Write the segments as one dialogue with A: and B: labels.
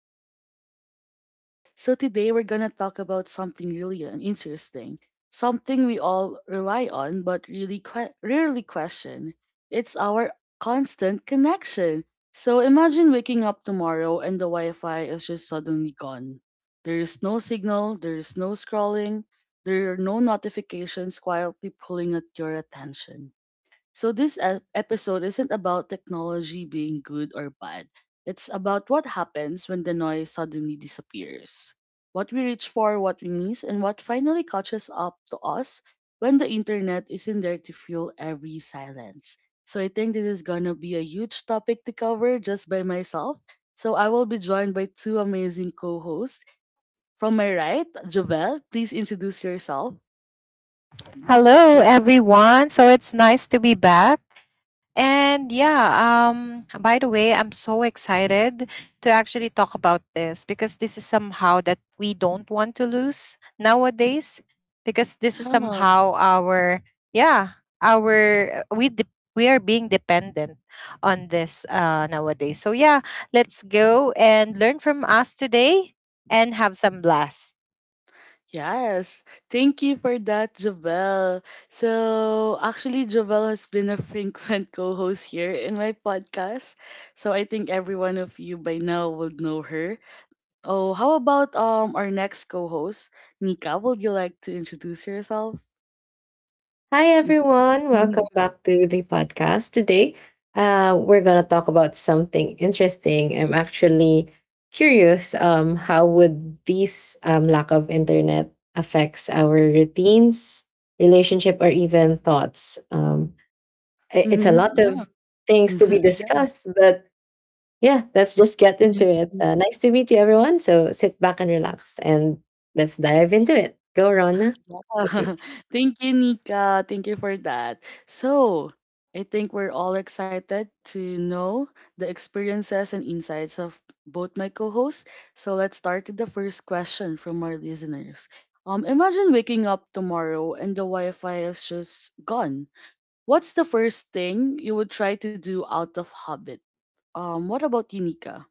A: from Talk the Talk. Today we're going to talk about something really interesting, something we all rely on but really rarely question. It's our constant connection. So, imagine waking up tomorrow and the Wi Fi is just suddenly gone. There is no signal, there is no scrolling, there are no notifications quietly pulling at your attention so, episode isn't about technology being good or bad. It's about what happens when the noise suddenly disappears. What we reach for, what we miss, and what finally catches up to us when the internet isn't there to fuel every silence. So, I think this is gonna be a huge topic to cover just by myself. So, I will be joined by two amazing co hosts. From my right, Jovel, please introduce yourself. Mm,
B: Hello,
A: Jo-
B: everyone. So it's nice to be back. And yeah, by the way, I'm so excited to actually talk about this because this is somehow that we don't want to lose nowadays, because this is somehow our, we are being dependent on this nowadays. So yeah, let's go and learn from us today and have some blast.
A: Yes, thank you for that, Jovel. So, actually, Jovel has been a frequent co host here in my podcast. So, I think every one of you by now would know her. Oh, how about our next co host, Nika? Would you like to introduce yourself?
C: Hi, everyone.
A: Mm-hmm.
C: Welcome back to the podcast. Today, we're going to talk about something interesting. I'm actually curious, how would this lack of internet affects our routines, relationship, or even thoughts? It's a lot
A: Yeah.
C: of things to be discussed, but yeah, let's just get
A: Yeah.
C: into it. Nice to meet you, everyone. So sit back and relax, and let's dive into it. Go, Rona. Okay.
A: Thank you, Nika. Thank you for that. So, I think we're all excited to know the experiences and insights of both my co-hosts. So, let's start with the first question from our listeners. Imagine waking up tomorrow and the Wi-Fi is just gone. What's the first thing you would try to do out of habit? What about you, Nika?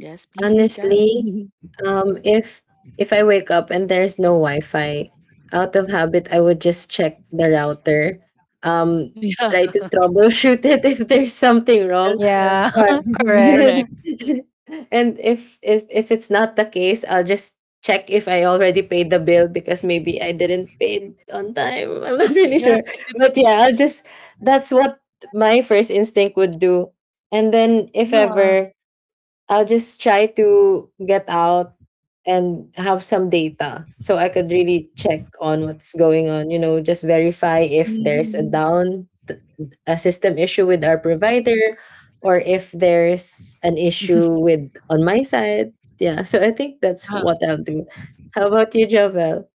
A: Yes, please, Nika.
C: Honestly, um, if if I wake up and there's no Wi-Fi, out of habit, I would just check the router, um,
A: Yeah.
C: try to troubleshoot it if there's something
A: Yes,
C: wrong,
B: Yeah,
A: yes.
C: or
B: correct.
A: Correct.
C: and if it's not the case, I'll just check if I already paid the bill because maybe I didn't pay it on time. I'm not really
A: Yeah.
C: sure, but yeah, I'll just that's what my first instinct would do. And then if
A: Yeah.
C: ever I'll just try to get out and have some data so I could really check on what's going on, you know, just verify if there's a
A: Mhm.
C: a system issue with our provider or if there's an issue with on my side. Yeah, so I think that's what
A: Oo.
C: I'll do. How about you, Jovel?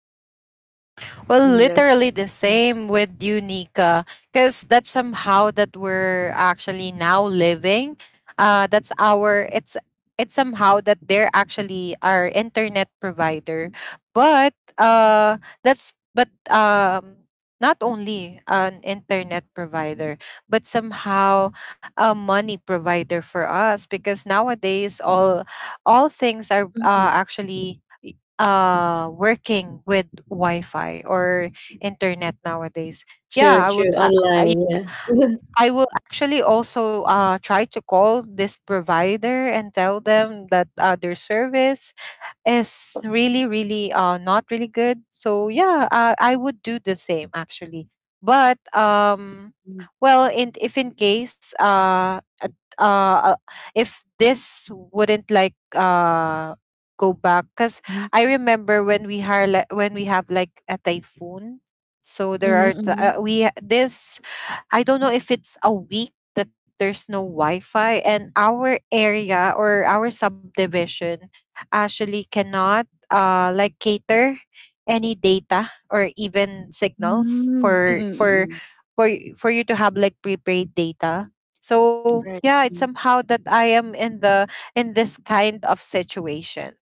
B: Well,
A: Hmm, yes.
B: literally the
A: Mm.
B: same with you, Nika, because that's somehow that we're actually now living. That's our it's somehow that they're actually our internet provider, but uh, but not only an internet provider, but somehow a money provider for us, because nowadays all things are
A: Mhm,
B: actually working with Wi-Fi or internet nowadays.
C: True,
B: yeah i
C: true.
B: would uh, i
C: Online, yeah.
B: I will actually also try to call this provider and tell them that their service is really, really not really good. So yeah, I would do the same actually, but
A: hmm,
B: well, in if in case, uh uh, if this wouldn't like go back, because
A: hmm.
B: I remember when we hire like when we have like a typhoon. So there
A: Mhm,
B: are t-
A: mhm.
B: we this I don't know if it's a week that there's no Wi-Fi, and our area or our subdivision actually cannot like cater any data or even
A: Mm,
B: signals
A: mm, mm.
B: for
A: Mm, mm.
B: for for y- for you to have like prepaid data. So
A: Right.
B: yeah, it's
A: Mm,
B: somehow that I am in this kind of situation.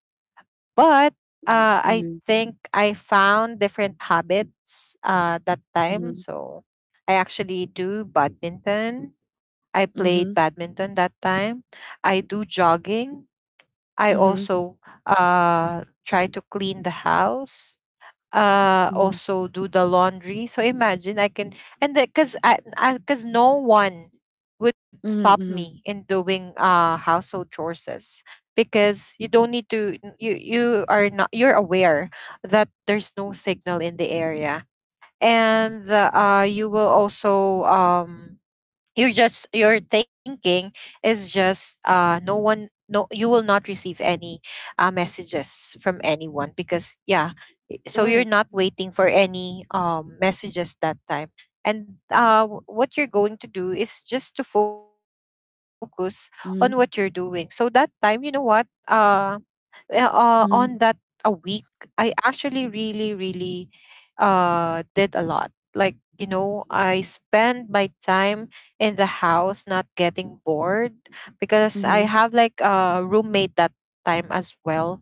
B: But I
A: mm,
B: think I found different habits that time.
A: mhm,
B: So I actually do badminton. I played
A: mhm,
B: badminton that time. I do jogging. I
A: mhm, mhm,
B: also try to clean the house,
A: mhm,
B: also do the laundry, so imagine I can. And because no one would stop
A: mhm,
B: me
A: mhm.
B: in doing household chores, because you don't need to n- you are not you're aware that there's no signal in the area, and you will also, you're just, your thinking is just, no one no you will not receive any messages from anyone because yeah, so you're
A: Right.
B: not waiting for any messages that time. And what you're going to do is just to focus on what you're doing, so
A: Mhm,
B: that time, you know what, yeah, on that, a
A: mhm,
B: week, I actually really, really did a lot. Like, I spend my time in the house, not getting bored, because I
A: mhm.
B: have like a roommate that time as well.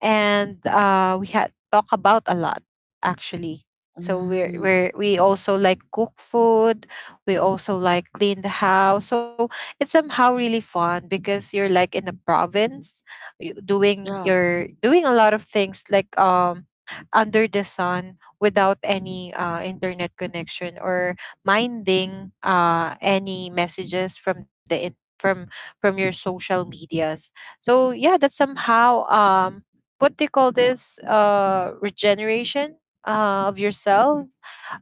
B: And we had talk about a lot actually. So we're,
A: Mm.
B: we're we also like cook food. We also like clean the house. So it's somehow really fun because you're like in the province,
A: Yeah.
B: doing a lot of things like, under the sun, without any internet connection or minding any messages from from your social medias. So yeah, that's somehow, what they call this, regeneration of yourself.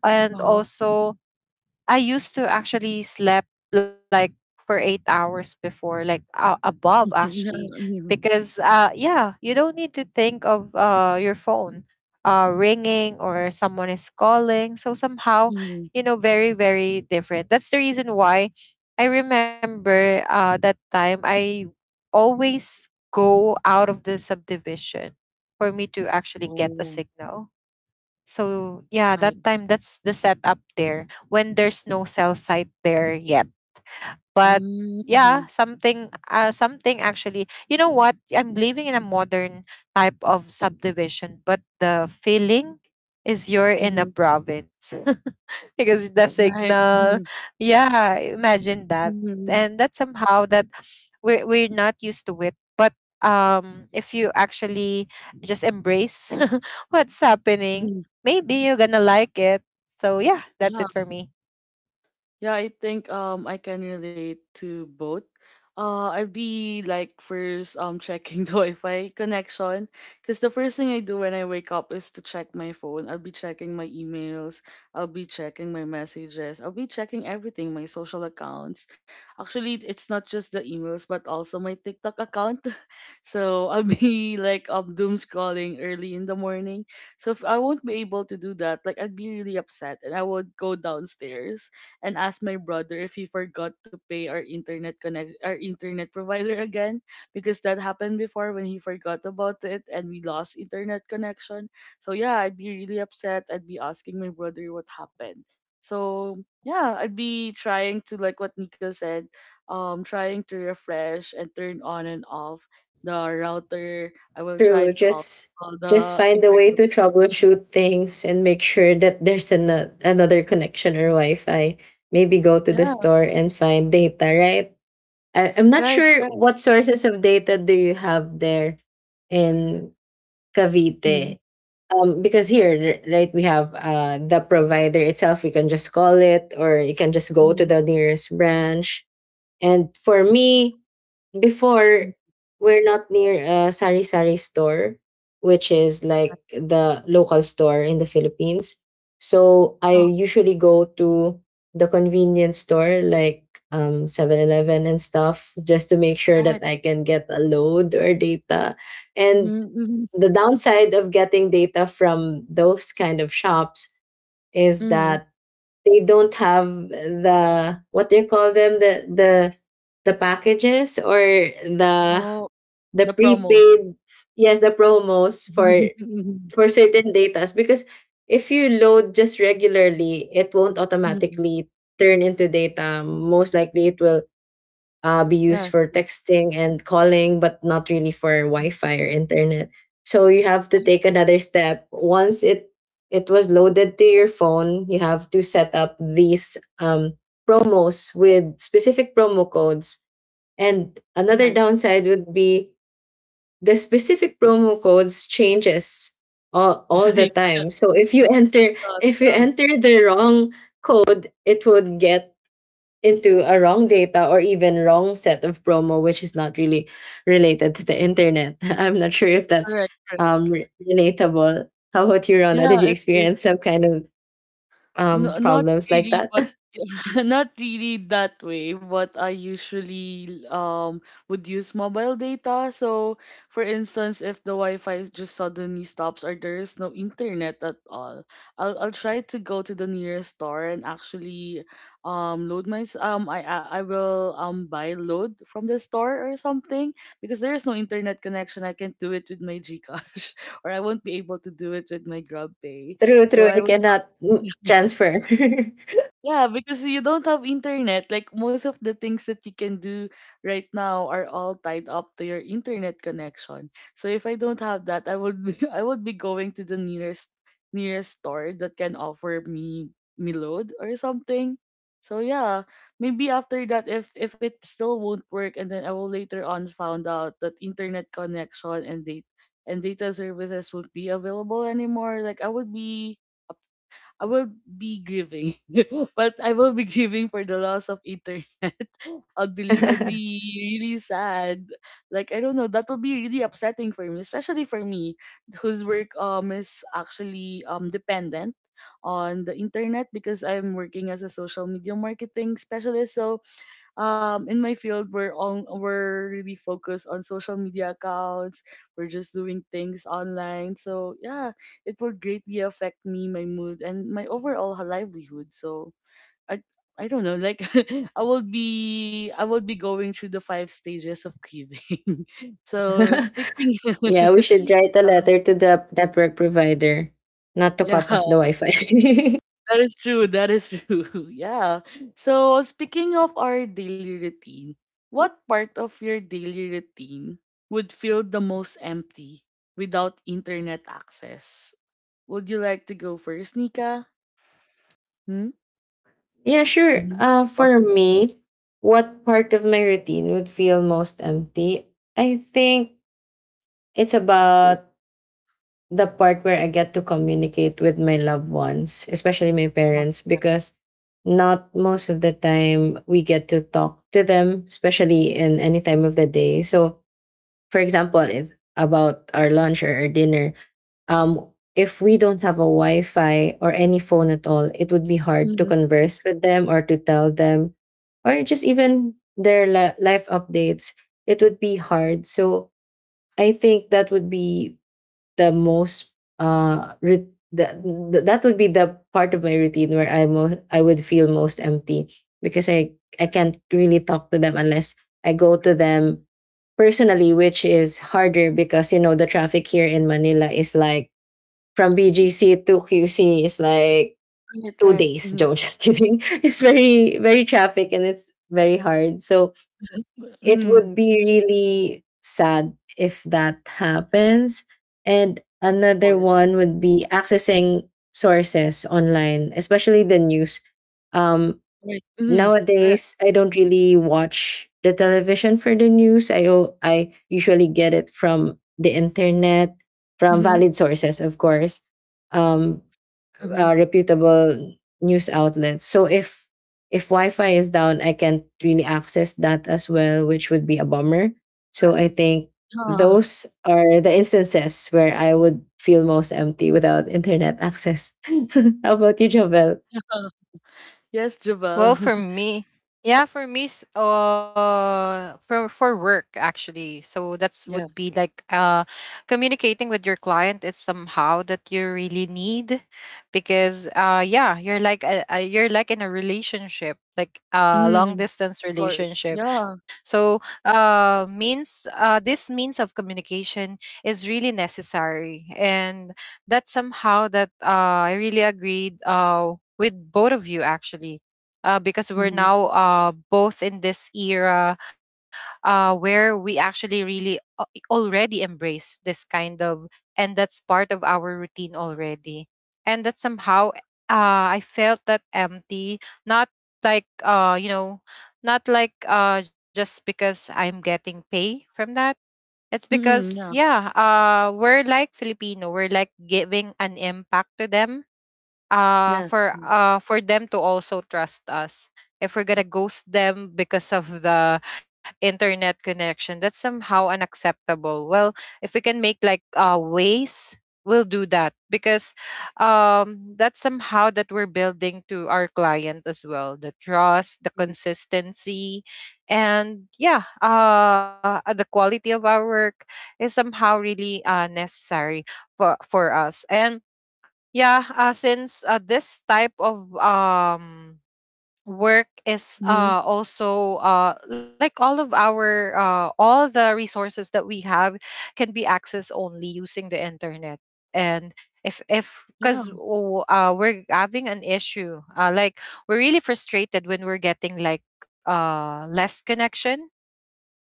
B: And
A: Uh-huh.
B: also, I used to actually slept like for 8 hours before, like, above
A: Yeah,
B: actually,
A: mhm,
B: because yeah, you don't need to think of your phone ringing or someone is calling. So somehow,
A: mhm.
B: very, very different. That's the reason why I remember that time I always go out of the subdivision for me to actually get a
A: Oh,
B: signal, so yeah,
A: right.
B: that time that's the setup there when there's no cell site there yet. But
A: Mm,
B: yeah,
A: mhm,
B: something actually. You know what? I'm living in a modern type of subdivision, but the feeling is you're in a
A: mhm.
B: province. Because the
A: Right.
B: signal.
A: Mhm,
B: Yeah, imagine that. And
A: mhm,
B: that somehow that we're not used to it. But if you actually just embrace what's happening,
A: mhm.
B: maybe you're gonna like it. So yeah, that's
A: Yeah.
B: it for me.
A: Yeah, I think I can relate to both. I'd be like first checking the Wi-Fi connection because the first thing I do when I wake up is to check my phone. I'll be checking my emails. I'll be checking my messages. I'll be checking everything, my social accounts. Actually, it's not just the emails, but also my TikTok account. So I'll be like doom scrolling early in the morning. So if I won't be able to do that, like I'd be really upset and I would go downstairs and asked my brother if he forgot to pay our internet provider again because that happened before when he forgot about it and we lost internet connection. So yeah, I'd be really upset. I'd be asking my brother what happened. So yeah, I'd be trying to like what Nico said, trying to refresh and turn on and off the router. I will try
C: True.
A: to off all
C: Just
A: the
C: find a way
A: internet.
C: to troubleshoot things and make sure that there's an, another connection or Wi-Fi. Maybe go to the
A: Yeah,
C: store and find data, right? I'm not
A: right,
C: sure
A: right.
C: what sources of data do you have there in
A: Mm-hmm,
C: Cavite. Because here, right, we have the provider itself. We can just call it, or you can just go
A: mm-hmm,
C: to the nearest branch. And for me, before
A: mm-hmm.
C: we're not near a sari sari store, which is like the local store in the Philippines, so I
A: Oh,
C: usually go to the convenience store like 7-Eleven and stuff just to make sure
A: right.
C: that I can get a load or data.
A: Mm-hmm,
C: And
A: mm-hmm.
C: the downside of getting data from those kind of shops is
A: Mhm.
C: that they don't have the, what do you call them, the packages or the
A: Oh,
C: the
A: the promos.
C: prepaid, yes, the promos
A: Mhm.
C: for certain datas, because if you load just regularly, it won't
A: Mhm.
C: automatically turn into data. Most likely it will, be used
A: Yes,
C: for
A: yes.
C: texting and calling, but not really for Wi-Fi or internet. So you have to
A: Right,
C: take another step. Once it was loaded to your phone, you have to set up these promos with specific promo codes. And another
A: right,
C: downside would be the specific promo codes changes all the
A: right. Yeah,
C: time. So
A: yeah,
C: if you
A: yeah.
C: enter the wrong code, it would get into a wrong data or even wrong set of promo, which is not really related to the internet. I'm not sure if that's
A: Correct, correct.
C: relatable. How about you, Rona? Did
A: Yeah,
C: you
A: it is.
C: experience some kind of
A: No, not
C: problems like
A: really.
C: that?
A: Not really that way, but I usually would use mobile data. So, for instance, if the Wi-Fi just suddenly stops or there is no internet at all, I'll try to go to the nearest store and actually I will buy load from the store or something because there is no internet connection. I can't do it with my GCash or I won't be able to do it with my GrabPay.
C: True,
A: So
C: true.
A: I
C: You
A: would.
C: cannot, transfer.
A: Yeah, because you don't have internet. Like most of the things that you can do right now are all tied up to your internet connection. So if I don't have that, I would be, I would be going to the nearest store that can offer me load or something. So yeah, maybe after that, if it still won't work, and then I will later on found out that internet connection and data services won't be available anymore. Like I will be grieving. But I will be grieving for the loss of internet. I'll be really sad. Like I don't know, that will be really upsetting for me, especially for me whose work is actually dependent on the internet because I'm working as a social media marketing specialist. So um, in my field we're really focused on social media accounts, we're just doing things online, so yeah, it will greatly affect me, my mood and my overall livelihood, so i I don't know, like I will be going through the 5 stages of grieving so speaking.
C: Yeah, we should write a
A: Um,
C: letter to the network provider not to
A: yeah.
C: cut off the Wi-Fi.
A: That is true. That is true. Yeah. So speaking of our daily routine, what part of your daily routine would feel the most empty without internet access? Would you like to go first, Nika? Hmm?
C: Yeah, sure.
A: Mm-hmm.
C: For me, what part of my routine would feel most empty? I think it's about the part where I get to communicate with my loved ones, especially my parents, because not most of the time we get to talk to them, especially in any time of the day. So, for example, it's about our lunch or our dinner. Um, if we don't have a Wi Fi or any phone at all, it would be hard to
A: Mm-hmm.
C: converse with them or to tell them, or just even their life updates. It would be hard. So, I think that would be the most re- that that would be the part of my routine where I would feel most empty because I can't really talk to them unless I go to them personally, which is harder because you know the traffic here in Manila is like from BGC to QC is like
A: Right,
C: two
A: right.
C: days.
A: Mm-hmm.
C: Joe, just kidding. It's very traffic and it's very hard. So it
A: Mm-hmm.
C: would be really sad if that happens. And another
A: Or
C: one would be accessing sources online, especially the news. Um,
A: right. Mm-hmm. Correct.
C: nowadays, I don't really watch the television for the news. I usually get it from the internet, from
A: Mm-hmm.
C: valid sources, of course. Um,
A: Mm-hmm.
C: Reputable news outlets. So if Wi-Fi is down, I can't really access that as well, which would be a bummer. So I think
A: Ah,
C: those are the instances where I would feel most empty without internet access. How about you, Jovel?
A: yes, Jabal.
B: Well, for me, yeah, for me, s- for work actually. So that's would be
A: Yes.
B: like, communicating with your client is somehow that you really need, because yeah, you're like a, you're like in a relationship, like a long
A: Mm-hmm.
B: distance
A: Of course.
B: relationship.
A: Yeah.
B: So means this means of communication is really necessary, and that somehow that, I really agreed with both of you actually, because we're
A: Mm-hmm.
B: now both in this era, where we actually really already embrace this kind of, and that's part of our routine already, and that somehow, I felt that empty, not like uh, you know not like, just because I'm getting pay from that. It's because
A: Mm-hmm. Yeah.
B: yeah, we're like Filipino, we're like giving an impact to them,
A: Yes.
B: for them to also trust us. If we're gonna ghost them because of the internet connection, that's somehow unacceptable. Well, if we can make like ways, we'll do that, because that's somehow that we're building to our client as well, the trust, the consistency, and yeah, the quality of our work is somehow really necessary for us. And yeah, since this type of work is
A: Mm-hmm.
B: also like, all of our all the resources that we have can be accessed only using the internet. And if because
A: Wow.
B: we're having an issue, like we're really frustrated when we're getting like less connection.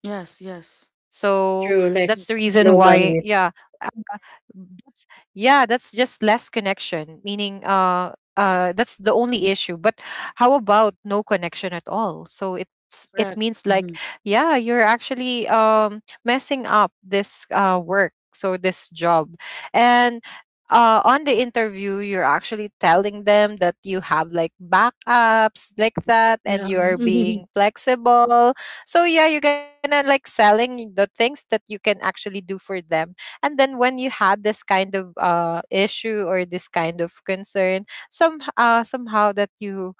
A: Yes, yes.
B: that's the reason
C: True,
B: why,
C: like
A: Right. Mhm.
C: slow bandwidth.
B: that's, yeah, that's just less connection, meaning, that's the only issue. But how about no connection at all? So it
A: Correct.
B: means like
A: Mm-hmm.
B: yeah, you're actually messing up this work, so this job. And on the interview, you're actually telling them that you have like backups like that,
A: Yeah.
B: and you are being flexible. So yeah, you're gonna like selling the things that you can actually do for them, and then when you had this kind of issue or this kind of concern, somehow that you,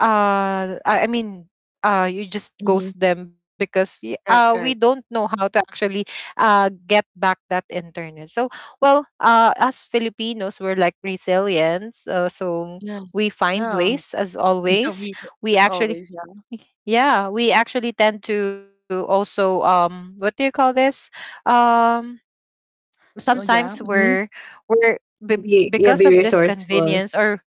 B: I mean, you just
A: Mm-hmm.
B: ghost them, because we
A: Right,
B: don't
A: right.
B: know how to actually get back that internet. So well, as Filipinos we're like resilient, so
A: Yes.
B: we find
A: Yeah.
B: ways as
A: Yeah,
B: always.
A: as
B: we
A: always,
B: actually
A: yeah.
B: yeah we actually tend to also, what do you call this, um
A: Oh yeah.
B: sometimes
A: Mm-hmm.
B: we're
C: Be, yeah,
B: because
C: be
B: of this
C: resourceful.
B: convenience, or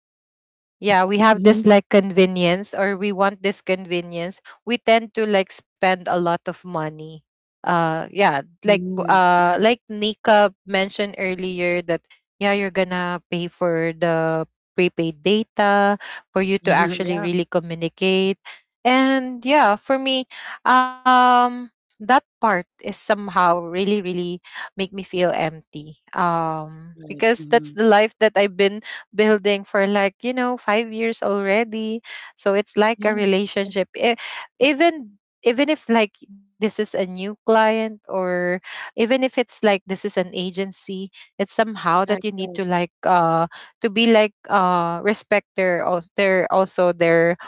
B: yeah, we have this
A: Mm-hmm.
B: like convenience, or we want this convenience, we tend to like spend a lot of money, uh yeah like b-
A: Mm-hmm.
B: uh
A: Right.
B: like nika mentioned earlier that yeah, you're gonna pay for the prepaid data for you to actually
A: Yeah.
B: really communicate. And yeah, for me, um that part is somehow really, really make me feel empty,
A: Right.
B: because that's
A: Mm-hmm.
B: the life that I've been building for like, 5 years already. So it's like a
A: Yeah.
B: relationship. Even even if like this is a new client, or even if it's like this is an agency, it's somehow that
A: Right,
B: you need
A: right,
B: to like, to be like, respect their als- their also their,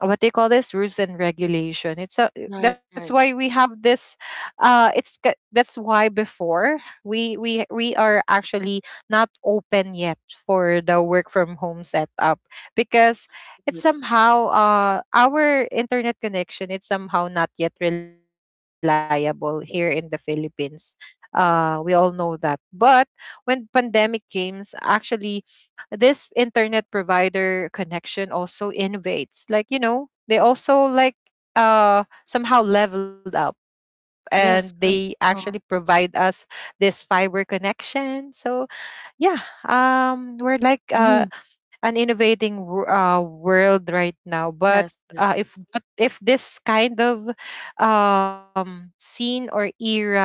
B: what they call this, rules and regulation. It's a,
A: right,
B: that's
A: right.
B: why we have this, that's why before, we are actually not open yet for the work from home setup, because it's
A: Right.
B: somehow, our internet connection it's somehow not yet reliable here in the Philippines. We all know that, but when pandemic came actually, this internet provider connection also innovates, like, they also like, somehow leveled up,
A: Yes,
B: and
A: correct.
B: they
A: Uh,
B: actually provide us this fiber connection. So yeah, we're like
A: mm-hmm.
B: an innovating, world right now. But
A: Yes, yes.
B: if this kind of scene or era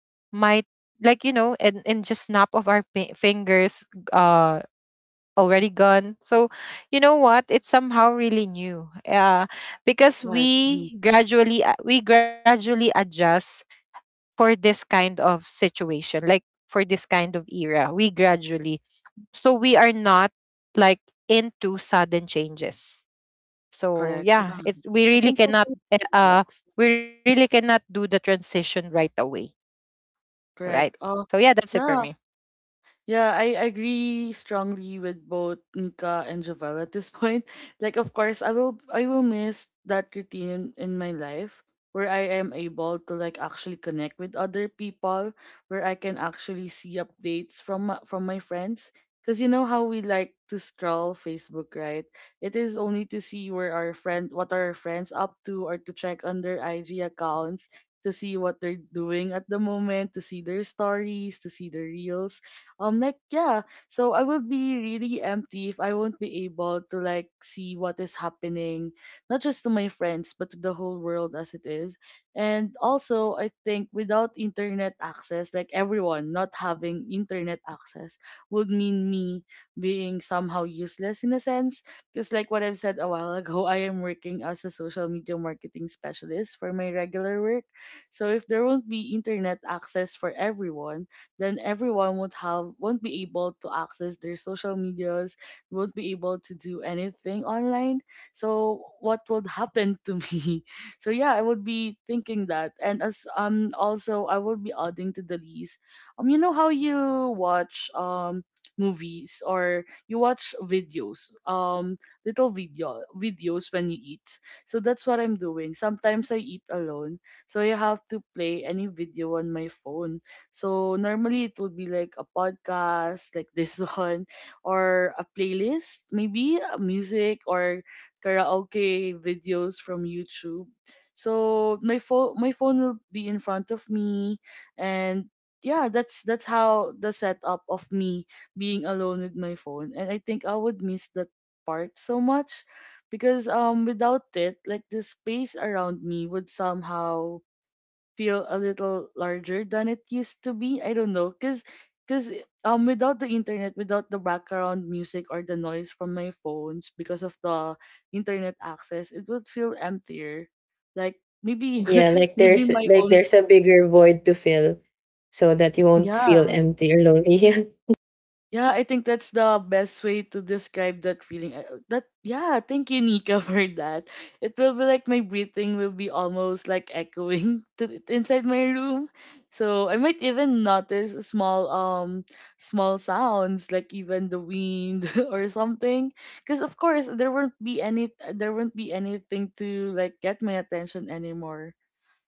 B: might, like, and just snap of our fingers, uh, already gone. So, you know what? It's somehow really new. Because
A: Right. Mm-hmm.
B: we gradually, we gradually adjust for this kind of situation, like for this kind of era. We gradually. So we are not like into sudden changes. So
A: Correct.
B: yeah,
A: Yeah.
B: it
A: I can totally
B: eh,
A: see that.
B: uh we really cannot do the transition right away, right?
A: Correct.
B: So yeah, that's it for
A: Yeah.
B: me.
A: Yeah, I agree strongly with both Nika and Javel at this point. Like of course I will miss that routine in my life where I am able to like actually connect with other people, where I can actually see updates from from my friends. Cause you know how we like to scroll Facebook, right? It is only to see where our friend what our friends up to or to check on their IG accounts to see what they're doing at the moment, to see their stories, to see their reels. I'm like, yeah, so I will be really empty if I won't be able to like see what is happening, not just to my friends, but to the whole world as it is. And also, I think without internet access, like everyone not having internet access would mean me being somehow useless in a sense. Because, like what I've said a while ago, I am working as a social media marketing specialist for my regular work. So, if there won't be internet access for everyone, then everyone won't be able to access their social medias, won't be able to do anything online. So what would happen to me? So yeah, I would be thinking that. And as also I would be adding to the list. Um, you know how you watch movies or you watch videos little video videos when you eat, so that's what I'm doing. Sometimes I eat alone, so I have to play any video on my phone, so normally it would be like a podcast like this one, or a playlist, maybe a music or karaoke videos from YouTube. So my phone will be in front of me, and yeah, that's how the setup of me being alone with my phone. And I think I would miss that part so much because without it, like the space around me would somehow feel a little larger than it used to be. I don't know, cause, without the internet, without the background music or the noise from my phones, because of the internet access, it would feel emptier. Like maybe,
C: Yeah, like
A: maybe
C: there's,
A: my
C: like
A: own,
C: there's a bigger void to fill so that you won't
A: yeah.
C: feel empty or lonely.
A: Yeah, I think that's the best way to describe that feeling. I- That, yeah, thank you, Nika, for that. It will be like my breathing will be almost like echoing to, inside my room. So I might even notice a small small sounds like even the wind or something. Because of course there won't be anything to like get my attention anymore.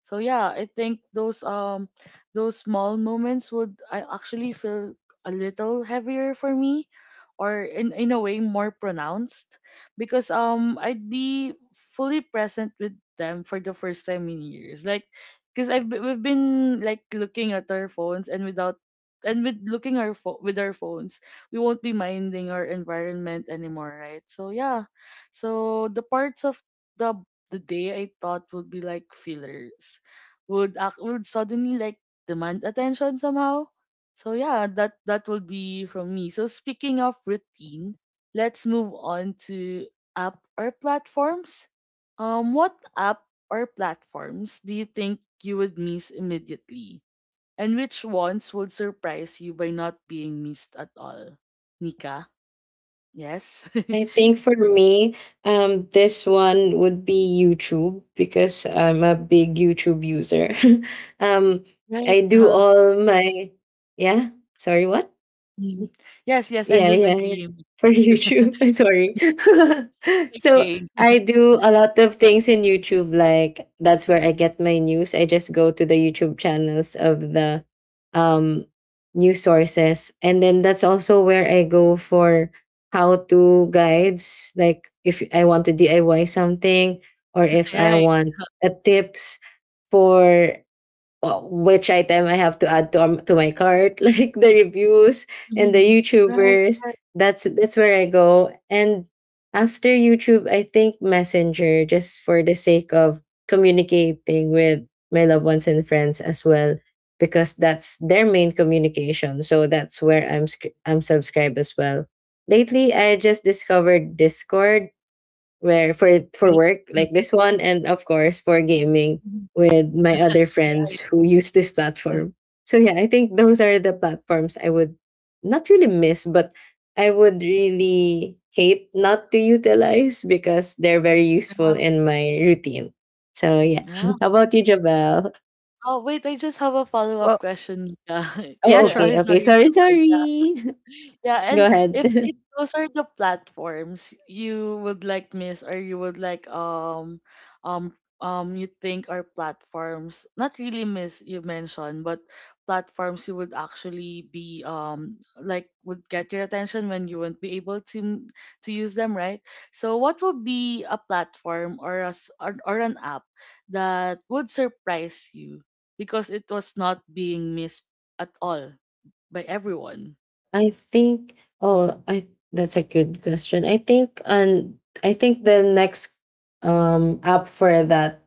A: So yeah, I think those small moments would I actually feel a little heavier for me or in a way more pronounced because I'd be fully present with them for the first time in years. Like because we've been like looking at our phones and without and with looking with our phones, we won't be minding our environment anymore, right? So yeah. So the parts of the the day I thought would be like fillers would act, would suddenly like demand attention somehow. So yeah, that that will be from me. So speaking of routine, let's move on to app or platforms. What app or platforms do you think you would miss immediately, and which ones would surprise you by not being missed at all? Nika, yes.
C: I think for me, this one would be YouTube because I'm a big YouTube user. Um,
A: Right?
C: I do all my, yeah. Sorry, what?
A: Mm. Yes, yes, I'm
C: Yeah,
A: just
C: yeah, yeah.
A: agreeing.
C: For YouTube. Sorry. So
A: Okay.
C: I do a lot of things in YouTube. Like that's where I get my news. I just go to the YouTube channels of the um news sources. And then that's also where I go for how to guides. Like if I want to DIY something or if I
A: Right.
C: want a tips for, well, which item I have to add to my cart, like the reviews and the
A: Mhm. Right,
C: YouTubers.
A: right,
C: That's where I go. And after YouTube, I think Messenger, just for the sake of communicating with my loved ones and friends as well, because that's their main communication. So that's where I'm subscribed as well. Lately, I just discovered Discord where for
A: right.
C: work
A: Mhm.
C: like this one and of course for gaming
A: Mhm.
C: with my other friends
A: Right,
C: who use this
A: right.
C: platform. So yeah, I think those are the platforms I would not really miss, but I would really hate not to utilize because they're very useful in my routine. So yeah,
A: Yeah.
C: how about you, Jabel?
A: Oh, wait, I just have a
B: Well,
A: follow-up question. Lita.
B: yeah,
A: Is
C: Oh,
B: sure.
A: it?
C: okay
A: Oh,
C: okay
A: sorry.
C: sorry.
A: Yeah, and
C: Go ahead.
A: if those are the platforms you would like miss or you would like um you think are platforms not really miss you mentioned, but platforms you would actually be like would get your attention when you wouldn't be able to to use them, right? So what would be a platform or or an app that would surprise you because it was not being missed at all by everyone?
C: I think, oh, I, that's a good question. I think the next app for that,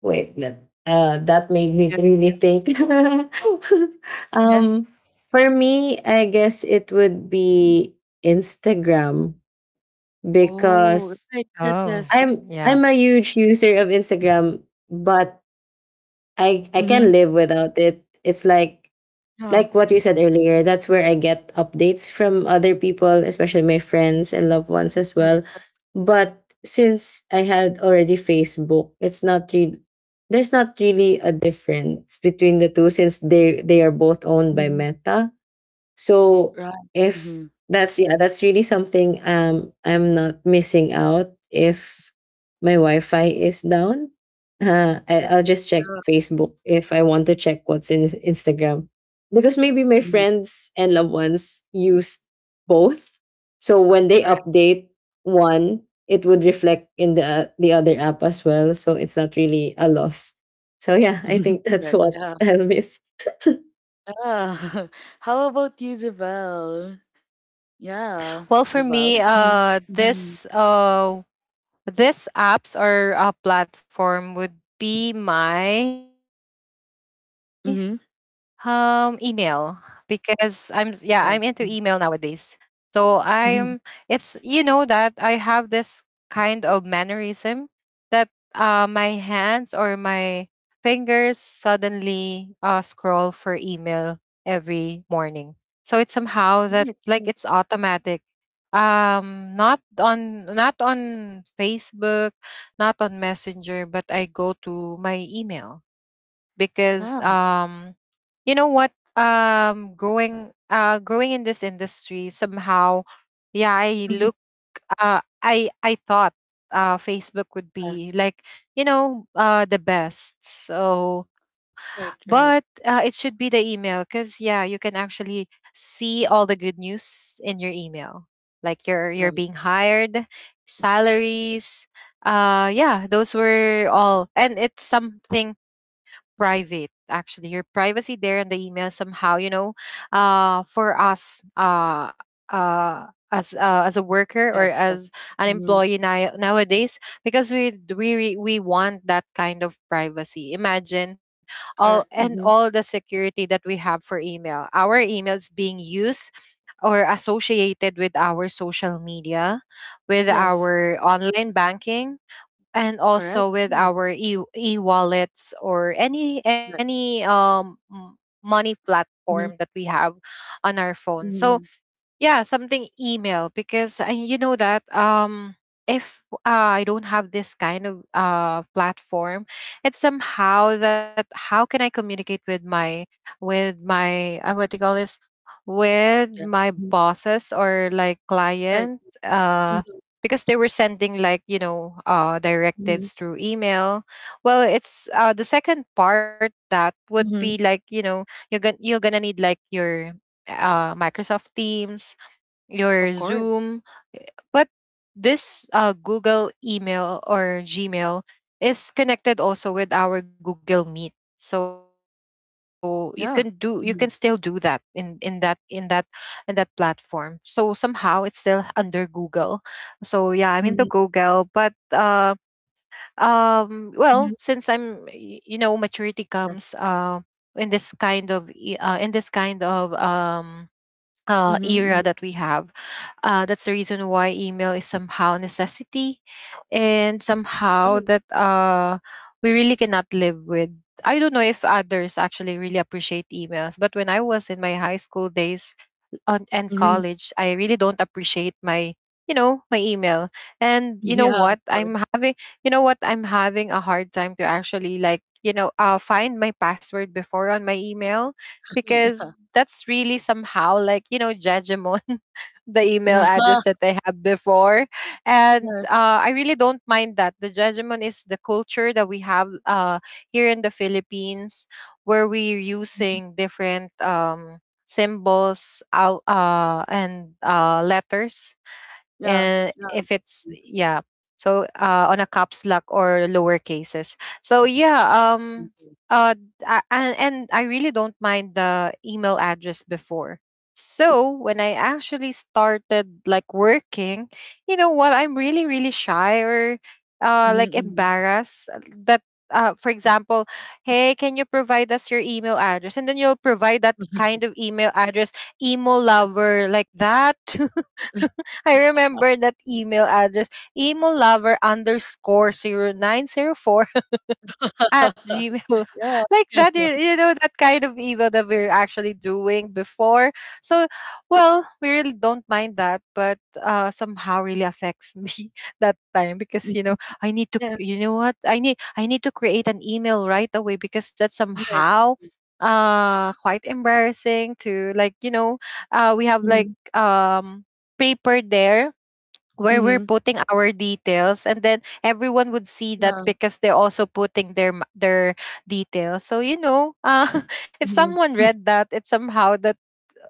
C: wait, that made me really think.
A: Yes.
C: Um, for me, I guess it would be Instagram
A: Oh,
C: because
A: right. Yes,
B: Oh,
A: yes, yes.
B: yeah.
C: I'm a huge user of Instagram, but I
A: Mhm.
C: can live without it. It's like
A: Yeah.
C: like what you said earlier, that's where I get updates from other people, especially my friends and loved ones as
A: Yes,
C: well.
A: that's
C: But since I had already Facebook, it's not really there's not really a difference between the two since they are both owned by
A: mhm.
C: Meta. So
A: Right.
C: if
A: Mhm.
C: that's, yeah, that's really something, um, I'm not missing out if my Wi-Fi is down.
A: Right.
C: I'll just check
A: Yeah.
C: Facebook if I want to check what's in Instagram because maybe my
A: Mhm.
C: friends and loved ones use both. So when they
A: Correct.
C: update one, it would reflect in the other app as well. So it's not really a loss. So yeah, I think that's
A: Correct.
C: what
A: Yeah.
C: I'll miss.
A: Yeah. How about you, Javel? Yeah.
B: Well, for me,
A: Javel. Mhm.
B: uh,
A: Mhm.
B: this uh, this apps or platform would be my
A: Mhm.
B: email, because I'm into email nowadays.
A: Right. Mhm.
B: So, I'm it's,
A: Mhm.
B: you know that I have this kind of mannerism, that my hands or my fingers suddenly scroll for email every morning. So it's somehow that
A: Right.
B: like
A: Right.
B: it's automatic. Not on Facebook, not on Messenger, but I go to my email, because
A: Yeah.
B: you know what, growing, growing in this industry somehow, yeah, I
A: Mhm.
B: look I thought Facebook would
A: Yes.
B: be like, the best. So,
A: Right. Right.
B: but it should be the email, because, yeah, you can actually see all the good news in your email. Like you're,
A: Right.
B: you're being hired, salaries. Yeah, those were all. And it's something private, actually. Your privacy there in the email somehow, you know, for us, as a worker or
A: Yes. Yes.
B: as an
A: Mhm.
B: employee now, nowadays because we want that kind of privacy. Imagine all
A: Correct.
B: and
A: Mhm.
B: all the security that we have for email, our emails being used or associated with our social media, with
A: Yes.
B: our online banking, and
A: Correct.
B: also with
A: Yeah.
B: our e-wallets or
A: Correct.
B: any money platform that
A: Mhm.
B: we have on our phone. So
A: Mhm.
B: yeah, something email because you know that if I don't have this kind of platform, it's somehow that how can I communicate with my what do you call this, with
A: Yeah.
B: my
A: Mhm.
B: bosses or like
A: Right.
B: client
A: Mhm.
B: uh because they were sending like you know
A: Mhm.
B: directives through email. Well, it's the second part that would be
A: Mhm.
B: like you know you're gonna need like your Microsoft Teams,
A: Of
B: your
A: course.
B: Zoom. But this Google email or Gmail is connected also with our Google Meet. So you can still do
A: Yeah.
B: that
A: Mhm.
B: in that platform. So somehow it's still under Google. So yeah, I'm into Google,
A: Mhm.
B: but well, since
A: Mhm.
B: you know maturity comes
A: Yes.
B: in this kind of in this kind of
A: Mhm.
B: era
A: Mhm.
B: that we have. That's the reason why email is somehow a necessity and
A: Right.
B: somehow that we really cannot live with. I don't know if others actually really appreciate emails, but when I was in my high school days on, and
A: Mhm.
B: college, I really don't appreciate my you know my email. And
A: Yeah, of course.
B: you know what, I'm having a hard time to actually like you know find my password before on my email
A: Yeah.
B: because that's really somehow like you know judgment the email address that I have before.
A: Yeah.
B: And
A: Yes.
B: I really don't mind that. The judgment is the culture that we have here in the Philippines where we're
A: Mhm.
B: using different symbols out, and letters,
A: Yeah. So
B: and
A: yeah.
B: if it's
A: Mhm.
B: yeah. So on a caps lock or lower cases. So yeah, um uh I, and I really don't mind the email address before. So when I actually started like working, you know what, I'm really really shy or like
A: Mhm.
B: embarrassed that for example, hey, can you provide us your email address? And then you'll provide that kind of email address, emo lover, like that. I remember that email address, emolover underscore 0904 at gmail.
A: Yeah.
B: Like that,
A: Yeah.
B: you know, that kind of email that we're actually doing before. So, well, we really don't mind that, but somehow really affects me that time because,
A: Mhm.
B: you know, I need to,
A: Yes.
B: you know what? I need to create an email right away because that's
A: Right.
B: somehow quite embarrassing to like you know we have like
A: Mhm.
B: paper there where we're
A: Mhm.
B: putting our details and then everyone would see that
A: Yeah.
B: because they're also putting their details. So you know, if
A: Mhm.
B: someone read that, it's somehow that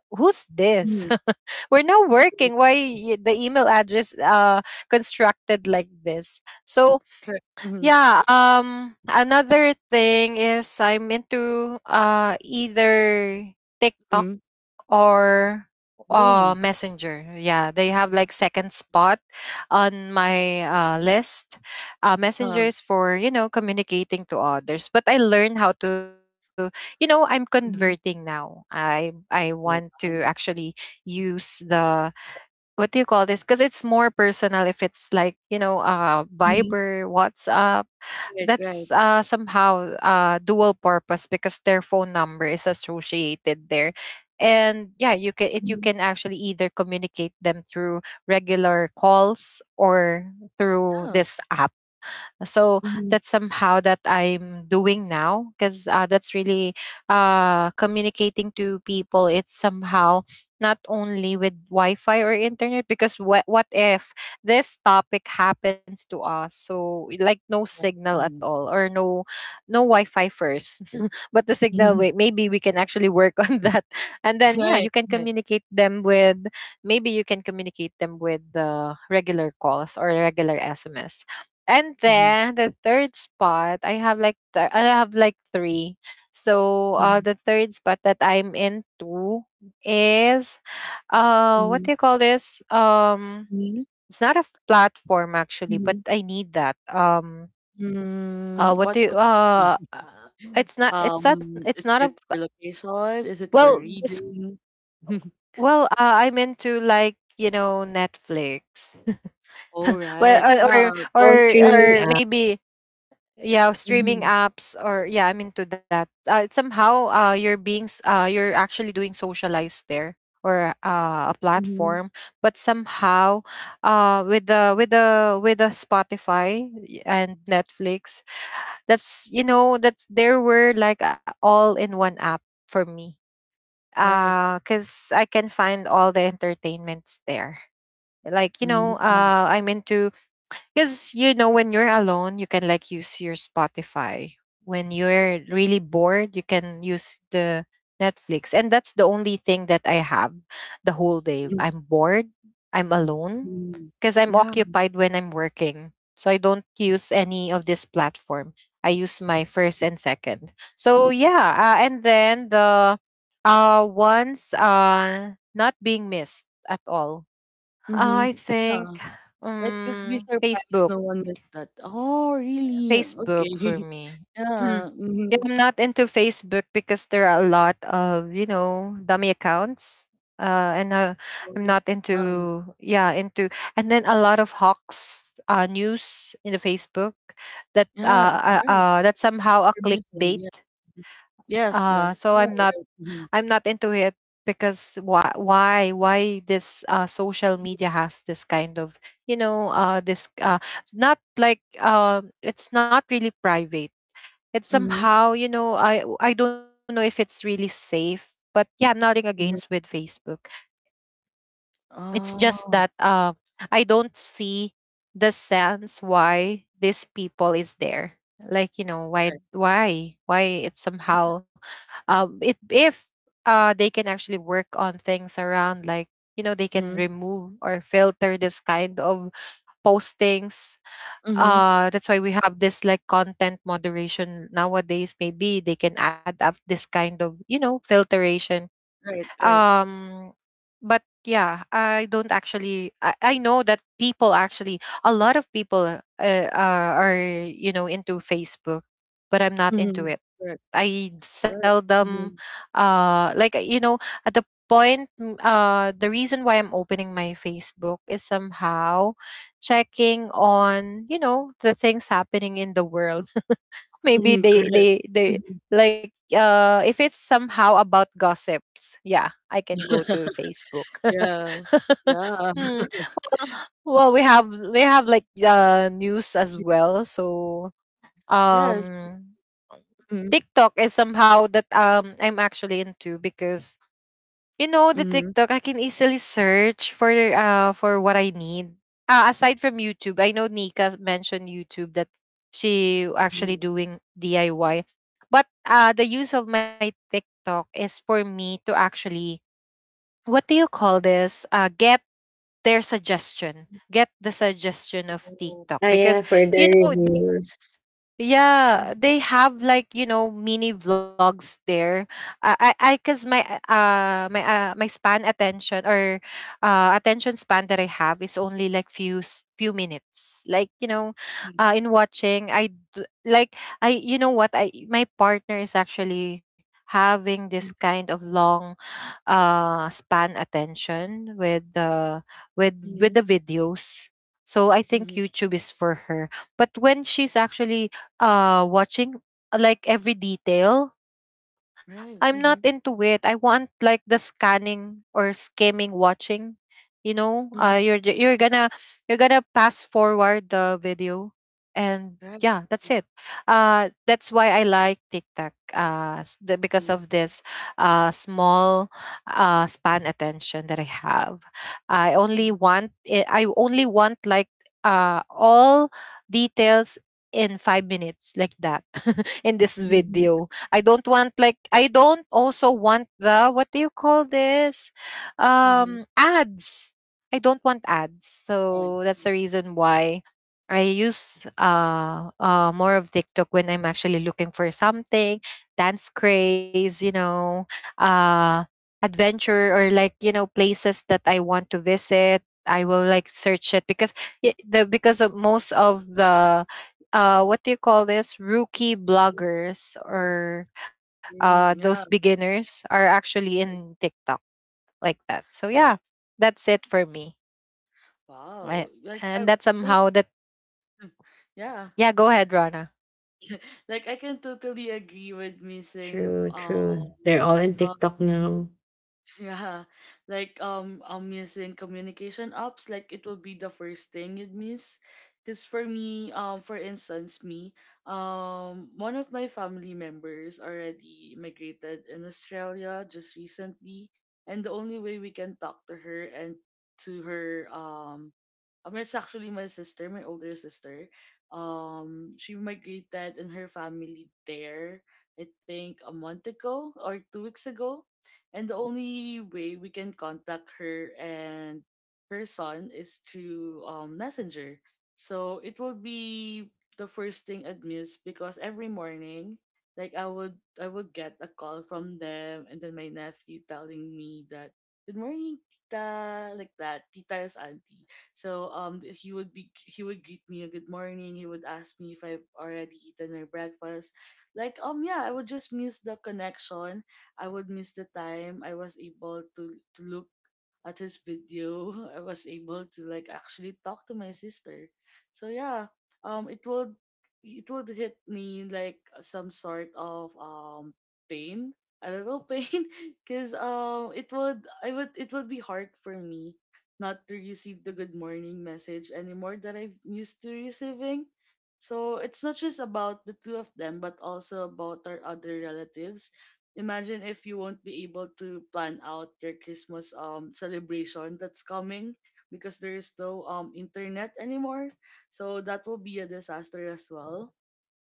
B: who's this
A: Mhm.
B: we're now working the email address constructed like this. So
A: Correct. Mhm.
B: yeah, another thing is I'm into either TikTok
A: Mhm.
B: or
A: Oh.
B: Messenger. Yeah, they have like second spot on my list.
A: Yeah.
B: Messenger is for you know communicating to others, but I learned how to, you know, I'm converting
A: Mhm.
B: now, I want to
A: Oh. Wow.
B: actually use the what do you call this, because it's more personal if it's like you know
A: Mhm.
B: Viber, WhatsApp.
A: Right. Right.
B: That's somehow dual purpose because their phone number is associated there, and yeah you can it you
A: Mhm.
B: can actually either communicate them through regular calls or through
A: Yeah.
B: this app. So
A: Mhm.
B: that's somehow that I'm doing now because that's really communicating to people. It's somehow not only with wi-fi or internet because what if this topic happens to us, so like no signal at
A: Mhm.
B: all or no no wi-fi first, but the signal.
A: Mhm.
B: Wait, maybe we can actually work on that and then yeah
A: Right.
B: you can
A: Right.
B: communicate them with maybe you can communicate them with the regular calls or regular sms. And
A: Mhm.
B: then the third spot, I have like three. So
A: Mhm.
B: the third spot that I'm into is what
A: Mhm.
B: do you call this?
A: Mhm.
B: It's not a f- platform actually, but
A: Mhm.
B: I need that.
A: Mm,
B: What
A: what
B: do you,
A: would be?
B: it's not it's not it's
A: Is
B: not a
A: it for location? Is it for
B: well this
A: reading?
B: well I'm into like you know Netflix.
A: All
B: Well,
A: right. Yeah.
C: Well,
A: Yes.
B: or
C: streaming.
A: That,
B: maybe yeah streaming
A: mm-hmm.
B: apps or yeah I'm into that somehow you're being you're actually doing socialized there or a
A: Mm-hmm.
B: platform, but somehow with the Spotify and Netflix. That's you know that there were like a all in one app for me
A: Right.
B: because I can find all the entertainments there like you know
A: Mm-hmm.
B: I'm into because, you know, when you're alone, you can like use your Spotify. When you're really bored, you can use the Netflix. And that's the only thing that I have the whole day. I'm bored, I'm alone,
A: Mm-hmm.
B: because I'm
A: Yeah.
B: occupied when I'm working. So I don't use any of this platform. I use my first and second. So yeah, and then the ones not being missed at all.
A: Mm-hmm.
B: I
A: Yeah.
B: think
A: That you'd be
B: um
A: surprised
B: Facebook
A: no one missed that. Oh, really?
B: Facebook
A: Okay.
B: for me. Mm.
A: Yeah. Mm-hmm.
B: Yeah, I'm not into Facebook because there are a lot of, you know, dummy accounts. And I'm not
A: Yeah.
B: into, yeah, into, and then a lot of hawks news in the Facebook that
A: Yeah. Yes.
B: that
A: That's
B: somehow a
A: information.
B: clickbait.
A: Yeah. Yes. Yes.
B: So
A: All right. Mm-hmm.
B: I'm not into it because why this social media has this kind of you know this not like it's not really private. It's
A: Mm-hmm.
B: somehow you know, I don't know if it's really safe, but yeah I'm nothing against with Facebook. It's just that
A: Oh,
B: I don't see the sense why this people is there. Like you know
A: right.
B: why it's somehow it if they can actually work on things around, like you know they can
A: Mhm,
B: remove or filter this kind of postings.
A: mhm.
B: That's why we have this like content moderation nowadays. Maybe they can add up this kind of, you know, filtration.
A: Right, right.
B: um but yeah, I don't actually I know that people actually, a lot of people, are, you know, into Facebook, but I'm not into
A: Mhm.
B: it.
A: Correct,
B: I
A: right. Mhm.
B: seldom like you know at the point. The reason why I'm opening my Facebook is somehow checking on, you know, the things happening in the world. Maybe
A: Mhm, correct.
B: they
A: Mhm.
B: like if it's somehow about gossips, yeah I can go to Facebook
A: Yeah. Yeah.
B: Hmm. Well, well we have like news as well. So
A: Yes.
B: um
A: Mhm,
B: TikTok is somehow that I'm actually into because you know the
A: mhm.
B: TikTok, I can easily search for what I need. Aside from YouTube, I know Nika mentioned YouTube that she actually
A: Mhm.
B: doing DIY. But the use of my TikTok is for me to actually what do you call this? Get their suggestion, get the suggestion of
A: Oh.
B: TikTok
C: Oh
B: because
C: yeah, for the
B: you know they,
C: reviews.
B: yeah,
A: Mhm,
B: they have like, you know, mini vlogs there. I Because my span attention, or attention span that I have is only like few minutes. Like you know,
A: mhm,
B: in watching like I, you know what, I my partner is actually having this
A: mhm,
B: kind of long span attention with the with
A: mhm,
B: the videos. So I think
A: mhm.
B: YouTube is for her. But when she's actually watching like every detail, I'm not into
A: Right.
B: it. I
A: Mhm,
B: want like the scanning or skimming watching. You know,
A: mhm.
B: you're gonna pass forward the video, and
A: Right.
B: yeah that's it.
A: Mhm,
B: That's why I like TikTok, because
A: mhm,
B: of this small span attention that I have.
A: right.
B: I only want like all details in 5 minutes, like that, in this
A: Mhm, mhm,
B: video. I don't want like I don't also want the what do you call this?
A: mhm.
B: Ads. I don't want ads.
A: Right,
B: So that's the
A: right.
B: reason why I use more of TikTok when I'm actually looking for something, dance craze, you know, uh adventure or, like, you know, places that I want to visit. I will like search it because it, the because of most of the what do you call this, rookie
A: Mhm,
B: bloggers or
A: mhm.
B: those
A: Yeah.
B: beginners are actually
A: Right.
B: in TikTok, like that. So
A: Right.
B: yeah, that's it for me.
A: Wow.
B: I,
A: Like I
B: and that's
A: like
B: somehow that
A: yeah.
B: yeah, go ahead, Rana.
A: Like I can totally agree with missing.
C: True, true. They're all in
A: Uh,
C: TikTok now.
A: yeah, like I'm using communication apps. Like it will be the first thing you'd miss. Cause for me, for instance, me, one of my family members already migrated in Australia just recently, and the only way we can talk to her and to her I mean, it's actually my sister, my older sister. She migrated and her family there. I think a month ago or 2 weeks ago, and the only way we can contact her and her son is through Messenger. So it will be the first thing I'd miss because every morning, like I would get a call from them, and then my nephew telling me that good morning tita, like that. Tita is auntie. So he would greet me a good morning. He would ask me if I've already eaten my breakfast, like. Yeah, I would just miss the connection. I would miss the time I was able to look at his video. I was able to like actually talk to my sister. So yeah, it would hit me like some sort of pain. I don't know. Pain, cause it would be hard for me not to receive the good morning message anymore that I've used to receiving. So it's not just about the two of them, but also about our other relatives. Imagine if you won't be able to plan out your Christmas celebration that's coming because there is no internet anymore. So that will be a disaster as well.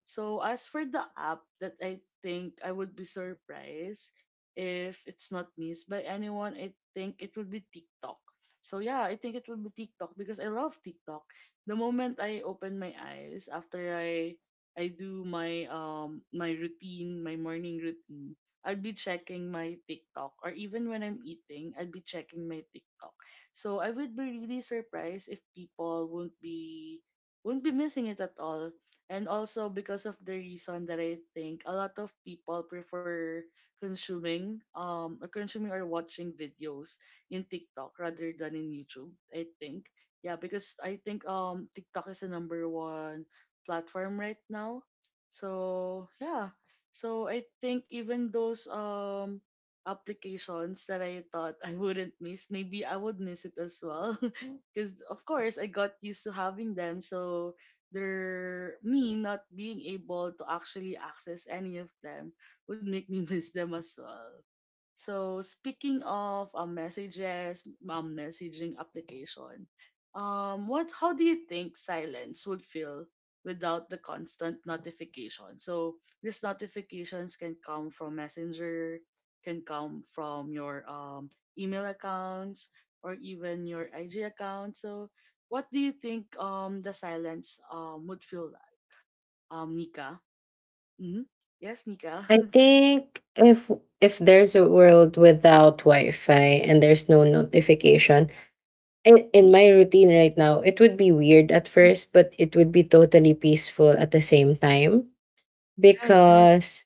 A: So as for the app that I think I would be surprised if it's not missed by anyone, I think it would be TikTok. So yeah, I think it would be TikTok because I love TikTok. The moment I open my eyes after I do my routine, my morning routine, I'd be checking my TikTok, or even when I'm eating, I'd be checking my TikTok. So I would be really surprised if people won't be missing it at all, and also because of the reason that I think a lot of people prefer consuming or watching videos in TikTok rather than in YouTube. I think, yeah, because I think TikTok is the number one platform right now. So yeah, so I think even those applications that I thought I wouldn't miss, maybe I would miss it as well. Because, of course, I got used to having them. So their me not being able to actually access any of them would make me miss them as well. So speaking of messages, messaging application, what how do you think silence would feel without the constant notification? So these notifications can come from Messenger, can come from your email accounts or even your IG account. So what do you think the silence would feel like? Nika. Hmm. Yes, Nika.
C: I think if there's a world without Wi-Fi and there's no notification, in my routine right now, it would be weird at first, but it would be totally peaceful at the same time
A: Right, right. Of
C: because,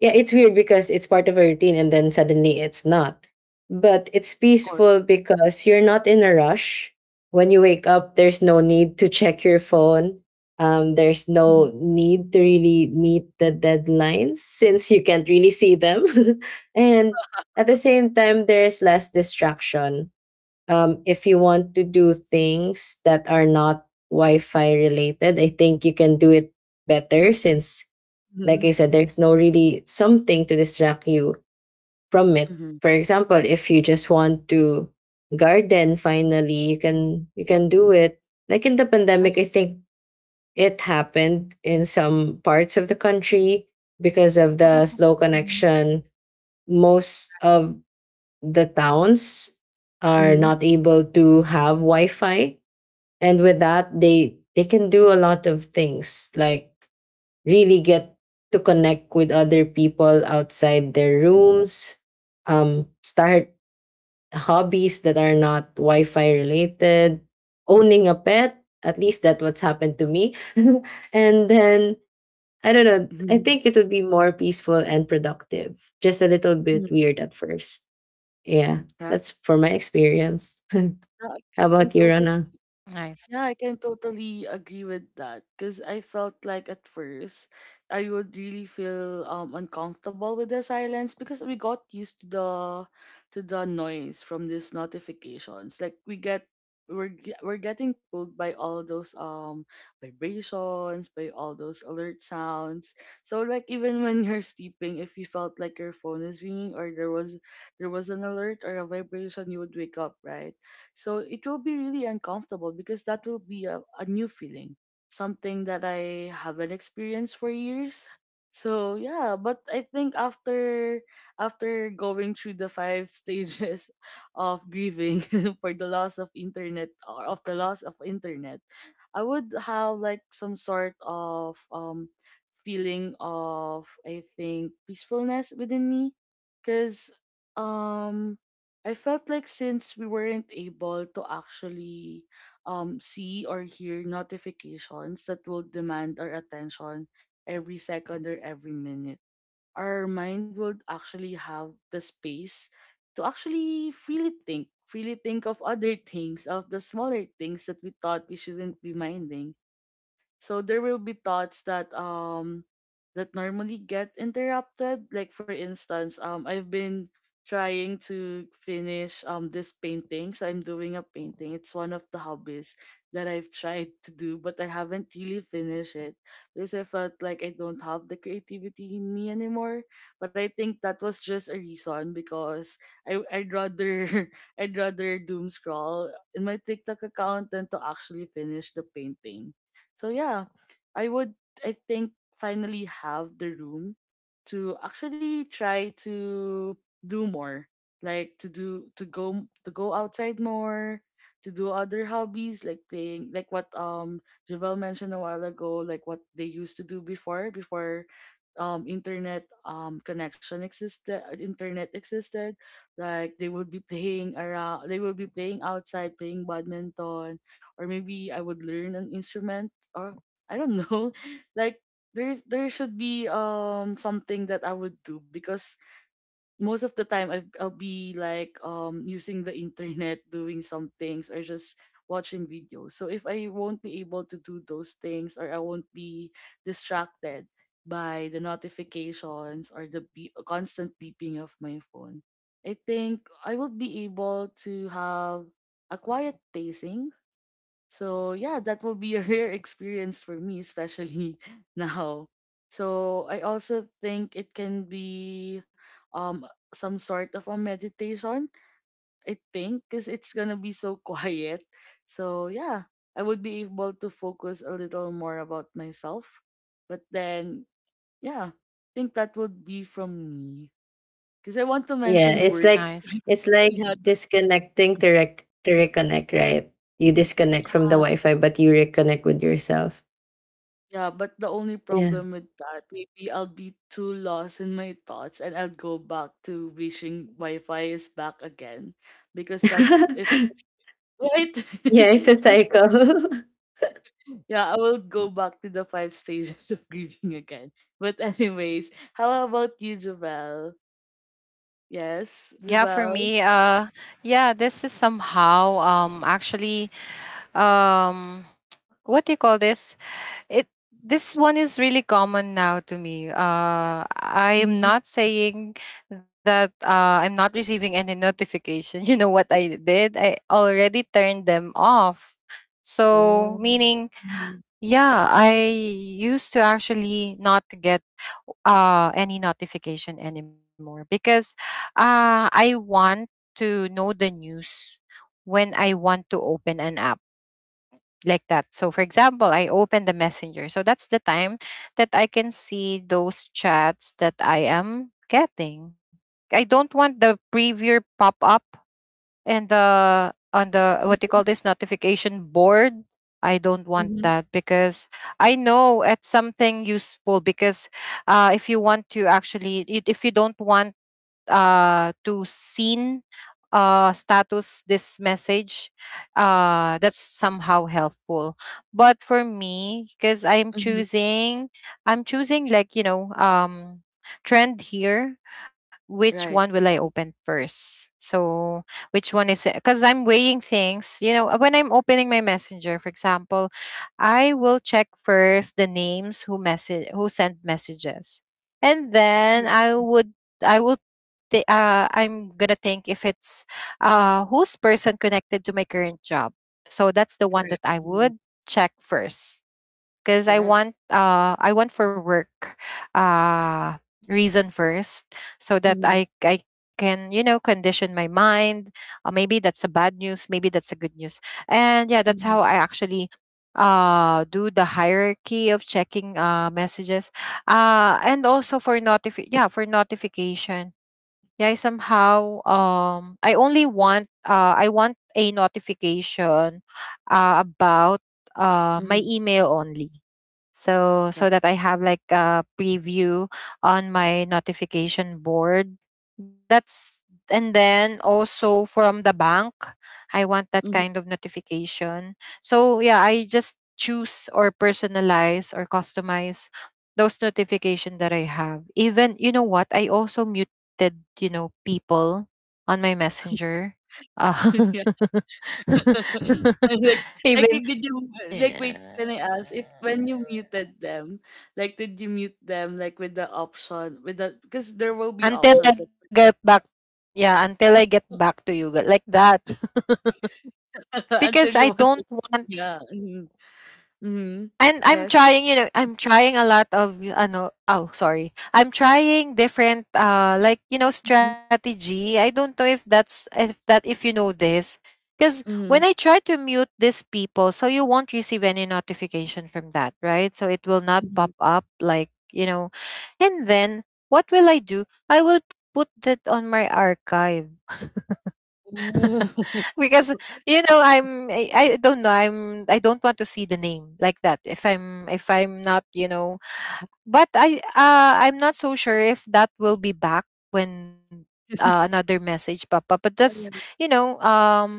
C: yeah, it's weird because it's part of a routine and then suddenly it's not. But it's
A: course.
C: peaceful because you're not in a rush. When you wake up, there's no need to check your phone. There's
A: Mm-hmm.
C: no need to really meet the deadlines since you can't really see them. And at the same time, there's less distraction. If you want to do things that are not Wi Fi related, I think you can do it better since, like I said, there's no really something to distract you from it.
A: Mm-hmm.
C: For example, if you just want to garden finally, you can do it. Like in the
A: I
C: pandemic, I think it happened in some parts of the country because of
A: know.
C: the slow
A: Mhm.
C: connection. Most of the towns are
A: Mhm.
C: not able to have Wi-Fi. And with that, they can do a lot of things like really get to connect with other people outside their rooms, start hobbies that are not Wi Fi related, owning a pet. At least that's what's happened to me. And then, I don't know, I
A: Mhm.
C: think it would be more peaceful and productive. Just a little bit
A: Mhm.
C: weird at first. Yeah,
A: Right.
C: that's for my experience. How
A: No. I can
C: about you,
A: totally
C: Rana?
B: Nice,
A: Yeah, I can totally agree with that because I felt like at first I would really feel uncomfortable with the silence because we got used to the noise from these notifications. Like we're getting pulled by all those vibrations, by all those alert sounds. So like even when you're sleeping, if you felt like your phone is ringing or there was an alert or a vibration, you would wake up, right? So it will be really uncomfortable because that will be a new feeling, something that I haven't experienced for years. So yeah, but I think after going through the five stages of grieving for the loss of internet, I would have like some sort of feeling of, I think, peacefulness within me because um I felt like since we weren't able to actually see or hear notifications that will demand our attention every second or every minute, our mind would actually have the space to actually freely think of other things, of the smaller things that we thought we shouldn't be minding, so there will be thoughts that normally get interrupted. Like for instance, I've been trying to finish this painting. So I'm doing a painting. It's one of the hobbies that I've tried to do, but I haven't really finished it because I felt like I don't have the creativity in me anymore. But I think that was just a reason because I'd rather I'd rather doom scroll in my TikTok account than to actually finish the painting. So yeah, I would, I think, finally have the room to actually try to do more, like to go outside more, to do other hobbies like playing, like what Javel mentioned a while ago, like what they used to do before internet connection existed internet existed like they would be playing around, they would be playing outside playing badminton, or maybe I would learn an instrument, or I don't know. Like there should be something that I would do because most of the time I'll be like using the internet doing some things or just watching videos. So if I won't be able to do those things, or I won't be distracted by the notifications or constant beeping of my phone, I think I will be able to have a quiet pacing. So yeah, that will be a rare experience for me, especially now. So I also think it can be um some sort of a meditation, I think, because it's gonna be so quiet. So yeah, I would be able to focus a little more about myself. But then yeah, I think that would be from me. Because I want to
C: Yeah,
A: mention work.
C: it's
B: nice.
C: like, it's like
A: Yeah.
C: disconnecting to to reconnect, right? You disconnect from the Wi-Fi, but you reconnect with yourself.
A: Yeah, but the only
C: Yeah,
A: problem with that, maybe I'll be too lost in my thoughts and I'll go back to wishing Wi-Fi is back again because that is right.
C: yeah, it's a
A: Because
C: cycle.
A: yeah, I will go back to the five stages of grieving again. But anyways, how about you, Javel? Yes,
B: Yeah, for me,
A: Javel.
B: yeah, this is somehow actually um what do you call this? It This one is really common now to me. I am
A: Hmm.
B: not saying that I'm not receiving any notification. You know what I did? I already turned them off, so
A: Oh.
B: meaning
A: Mm-hmm.
B: yeah, I used to actually not get any notification anymore because I want to know the news when I want to open an app, like that. So for example, I open the messenger. So that's the time that I can see those chats that I am getting. I don't want the preview pop up and the on the what you call this notification board. I don't want
A: Mm-hmm.
B: that because I know it's something useful. Because if you want to actually, if you don't want to seen status this message, that's somehow helpful. But for me, because I'm
A: Mm-hmm.
B: choosing, I'm choosing like, you know, trend here. Which one
A: Right.
B: will I open
A: Mhm.
B: first? So which one is? Because I'm weighing things. You know, when I'm opening my messenger, for example, I will check first the names who send messages, and then I would I will th- I'm gonna think if it's who's person connected to my current job? So that's the one that
A: Correct.
B: I
A: Mm-hmm.
B: would check first, because
A: Correct.
B: I want for work uh reason first, so that
A: Mm-hmm.
B: I can, you know, condition my mind. Maybe that's a bad news, maybe that's a good news. And yeah, that's
A: Mm-hmm.
B: how I actually do the hierarchy of checking messages and also for notifi yeah, for notification. Yeah, I somehow I only want I want a notification about my
A: Mm-hmm.
B: email only, so
A: Right.
B: so that I have like a preview on my notification board. That's And then also from the bank, I want that
A: Mm-hmm.
B: kind of notification. So yeah, I just choose or personalize or customize those notification that I have. Even, you know what, I also muted, you know, people on my messenger. uh,
A: I was like,
B: Even
A: did you like wait, can I
B: yeah.
A: ask, if when you muted them, did you mute them, like with the option, with the because there will be options, like.
B: Until I get back, yeah, until I get back to you, like that.
A: Until
B: Because
A: you
B: I
A: want to,
B: don't want.
A: yeah. Mm-hmm, mm-hmm.
B: And I'm
A: Yes.
B: trying, you know, I'm trying a lot of oh, sorry. I'm trying different like, you know,
A: Mm-hmm,
B: strategy. I don't know if that's if that if you know this. Because when I
A: mm-hmm,
B: try to mute these people, so you won't receive any notification from that, right? So it will not pop
A: mm-hmm.
B: up, like, you know. And then what will I do? I will put that on my archive
A: Ooh.
B: because, you know, I don't know, I don't want to see the name like that if I'm not, you know. But I'm not so sure if that will be back when another message pop up. But that's, you know, um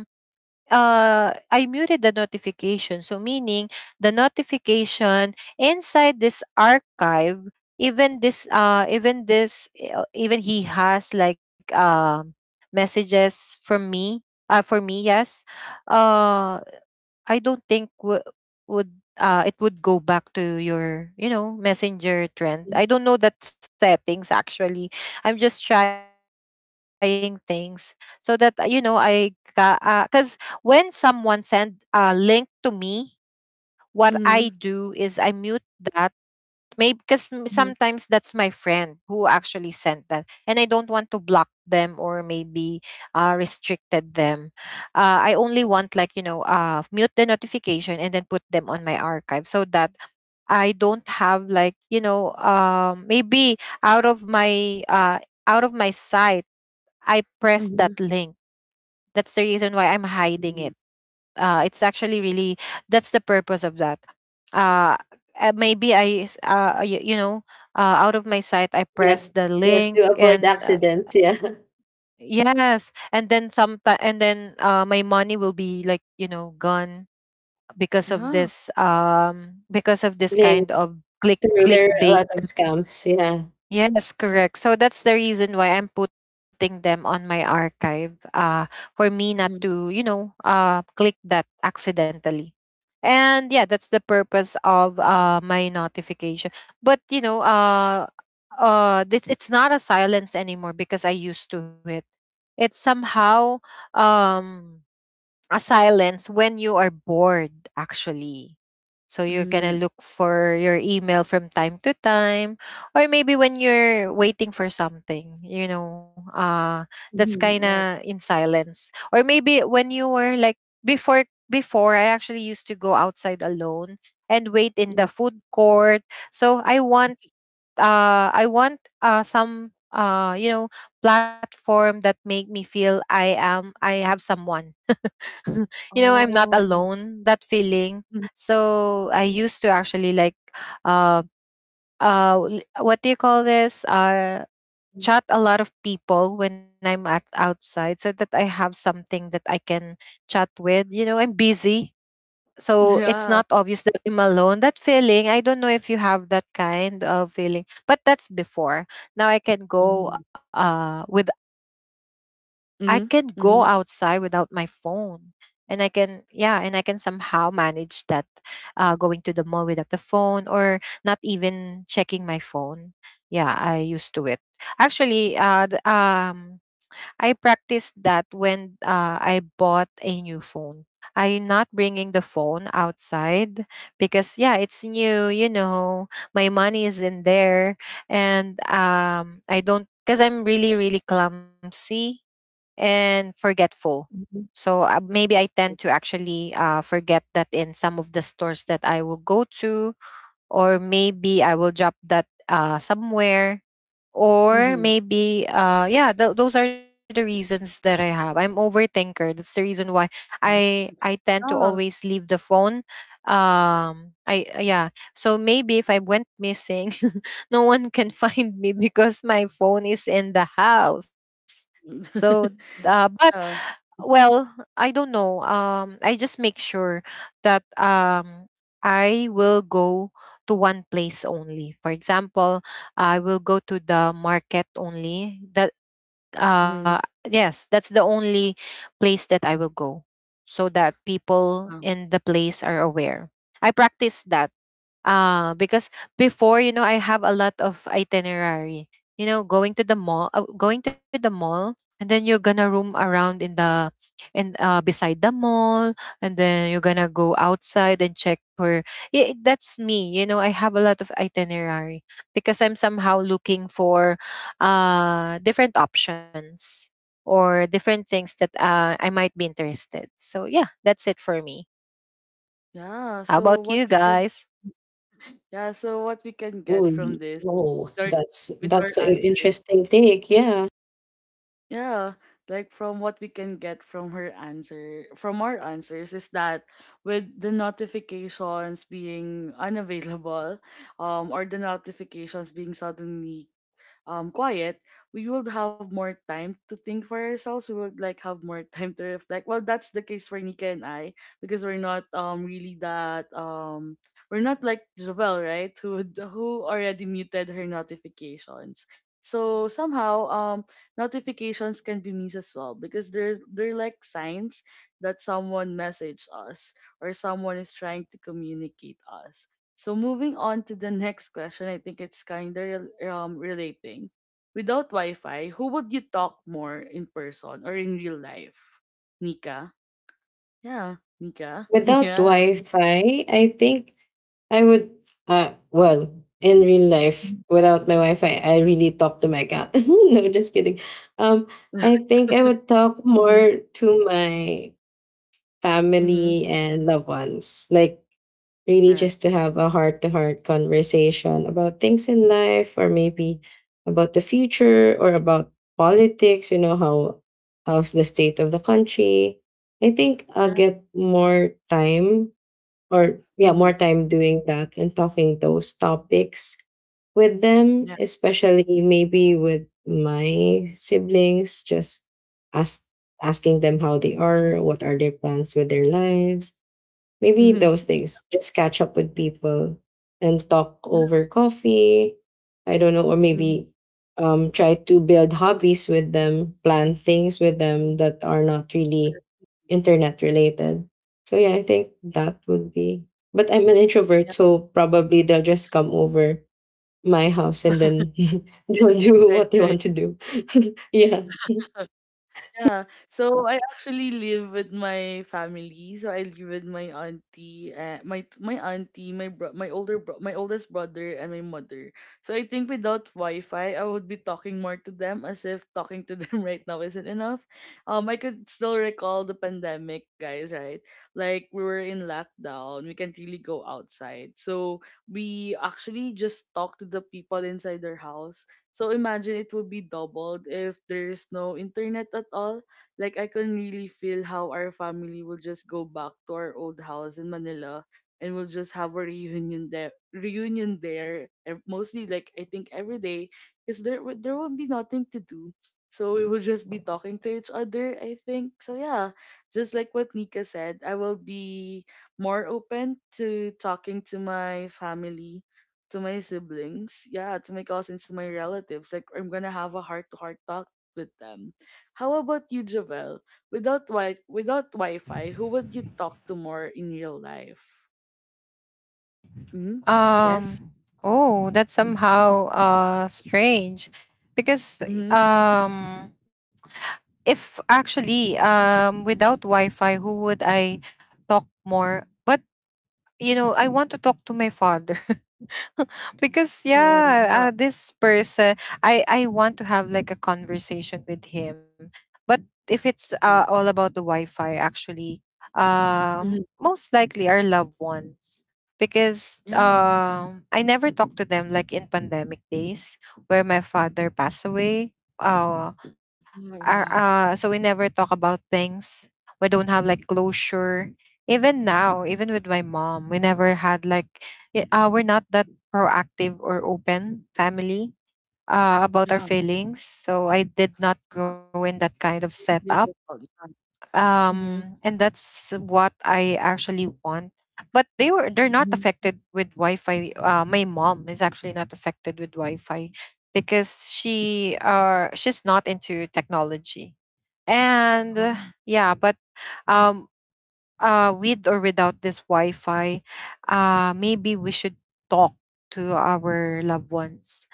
B: uh, I muted the notification. So meaning the notification inside this archive, even this even this even he has like messages from me for me, yes. uh I don't think w- would it would go back to your, you know, messenger trend. I don't know that settings actually. I'm just trying things so that, you know, I because 'cause when someone send a link to me, what I do is
A: Mm-hmm.
B: I mute that. Maybe because sometimes
A: Hmm.
B: that's my friend who actually sent that, and I don't want to block them or maybe restricted them. I only want, like, you know, mute the notification and then put them on my archive so that I don't have, like, you know, maybe out of my sight I press that
A: Mm-hmm.
B: link. That's the reason why I'm hiding it. It's actually really that's the purpose of that. uh, Maybe you, you know, out of my sight I
C: Yeah,
B: press the
C: yeah,
B: link
C: to avoid
B: and,
C: accidents. Yeah,
B: yes, and then my money will be, like, you know, gone
A: Yeah.
B: because of this
C: playing
B: kind of
C: through, there are a lot
B: clickbait.
C: of scams. Yeah.
B: Yes,
A: Yeah,
B: correct. So that's the reason why I'm putting them on my archive, for me not
A: mhm,
B: to, you know, click that accidentally. And yeah, that's the purpose of my notification. But you know, this it's not a silence anymore because I used to it. It's somehow um a silence when you are bored actually. So you're gonna
A: mm,
B: look for your email from time to time, or maybe when you're waiting for something, you know, that's kind
A: mhm,
B: of
A: right.
B: in silence. Or maybe when you were like before, before, I actually used to go outside alone and wait in the
A: Yes.
B: food court. So I want some, you know, platform that make me feel I am, I have someone. You know, I'm not
A: Oh, mhm,
B: alone, that feeling. So I
A: mhm,
B: used to actually like uh what do you call this?
A: mhm.
B: Chat a lot of people when I'm at outside, so that I have something that I can chat with. You know, I'm busy, so it's
A: Yeah,
B: not obvious that I'm alone. That feeling, I don't know if you have that kind of feeling, but that's before. Now I can go
A: mm-hmm.
B: with I can go outside without my
A: Mhm, mhm,
B: phone. And I can yeah, and I can somehow manage that going to the mall without the phone or not even checking my phone. Yeah, I used to it. Actually, I practiced that when I bought a new phone. I'm not bringing the phone outside because yeah, it's new, you know. My money is in there, and I don't, cuz I'm really really clumsy and forgetful.
A: mhm.
B: So maybe I tend to actually forget that in some of the stores that I will go to, or maybe I will drop that somewhere, or
A: Mhm.
B: maybe yeah, those are the reasons that I have. I'm overthinker, that's the reason why I tend to
A: Yeah.
B: always leave the phone. I Yeah, so maybe if I went missing no one can find me because my phone is in the house. So but
A: Yeah.
B: well, I don't know, I just make sure that I will go to one place only. For example, I will go to the market only. That uh
A: Mhm.
B: yes, that's the only place that I will go, so that people
A: Yeah.
B: in the place are aware. I practice that, because before, you know, I have a lot of itinerary. You know, going to the mall, and then you're gonna roam around in the and beside the mall, and then you're gonna go outside and check for. Yeah, that's me. You know, I have a lot of itinerary because I'm somehow looking for different options or different things that I might be interested. So yeah, that's it for me.
A: Yeah,
B: How
A: so
B: about
A: what
B: you
A: we can
B: guys?
A: yeah, so what we can
C: Ooh,
A: get from this
C: whoa,
A: with our
C: that's
A: with our
C: that's an
A: answers.
C: interesting take. Yeah,
A: Yeah, like from what we can get from her answer, from our answers is that with the notifications being unavailable, or the notifications being suddenly quiet, we would have more time to think for ourselves. We would like have more time to reflect. Well, that's the case for Nika and I because we're not really that, we're not like Jovel, right? Who already muted her notifications. So somehow, notifications can be missed as well because there's they're like signs that someone messaged us or someone is trying to communicate us. So moving on to the next question, I think it's kind of relating. Without Wi-Fi, who would you talk more in person or in real life? Nika. Yeah, Nika.
C: without
A: Yeah.
C: Wi-Fi, I think I would, well, in real life, without my Wi-Fi, I really talk to my cat. No, just kidding. Um, I think I would talk
A: Mm-hmm.
C: more to my
A: Mm-hmm.
C: family and loved ones, like really just
A: Correct.
C: to have a heart-to-heart conversation about things in life, or maybe about the future, or about politics. You know how how's the state of the country. I think I'll
A: Yeah.
C: get more time, or yeah,
A: Mm-hmm.
C: more time doing that and talking those topics with them,
A: Yeah.
C: especially maybe with my siblings, just ask asking them how they are, what are their plans with their lives, maybe
A: Mm-hmm.
C: those things. Just catch up with people and talk
A: Yeah.
C: over coffee. I don't know, or
A: Mhm.
C: maybe, try to build hobbies with them, plan things with them that are not really internet related. So yeah, I think that would be. But I'm an introvert,
A: Yeah.
C: so probably they'll just come over my house and then they'll do
A: Right.
C: what they
A: Right.
C: want to do. Yeah.
A: Yeah. So I actually live with my family. So I live with my auntie, my auntie, my oldest brother, and my mother. So I think without Wi-Fi, I would be talking more to them, as if talking to them right now isn't enough. I could still recall the pandemic, guys, right? Like we were in lockdown, we can't really go outside. So we actually just talk to the people inside their house, so imagine it would be doubled if there is no internet at all. Like I can really feel how our family will just go back to our old house in Manila and we'll just have a reunion there, mostly like I think every day, because there won't be nothing to do. So we will just be talking to each other, I think. So yeah, just like what Nika said, I will be more open to talking to my family, to my siblings, yeah, to my cousins, to my relatives. Like I'm gonna have a heart to heart talk with them. How about you, Javel? Without Wi-Fi, who would you talk to more in real life? Mm-hmm. Yes.
B: Um, oh, that's somehow strange because
A: Mm-hmm.
B: um if actually without Wi-Fi, who would I talk more? But you know, I want to talk to my father. Because
A: Oh yeah.
B: yeah, this person, I want to have like a conversation with him. But if it's
A: Yeah.
B: all about the Wi-Fi, actually,
A: Mm-hmm.
B: most likely our loved ones. Because
A: Yeah.
B: I never talked to them, like, in pandemic days where my father passed away. Uh,
A: Yeah.
B: are
A: Yeah.
B: so we never talk about things. We don't have like closure. Even now, even with my mom, we never had like we're not that proactive or open family about our
A: Yeah.
B: feelings. So I did not
A: Uh,
B: grow in that kind of setup.
A: unbelievable. Yeah. Mm-hmm.
B: And that's what I actually want. But they're not
A: Mm-hmm.
B: affected with Wi-Fi. My mom is actually not affected with Wi-Fi because she's not into technology and,
A: Oh.
B: yeah, but um with or without this Wi-Fi, maybe we should talk to our loved ones,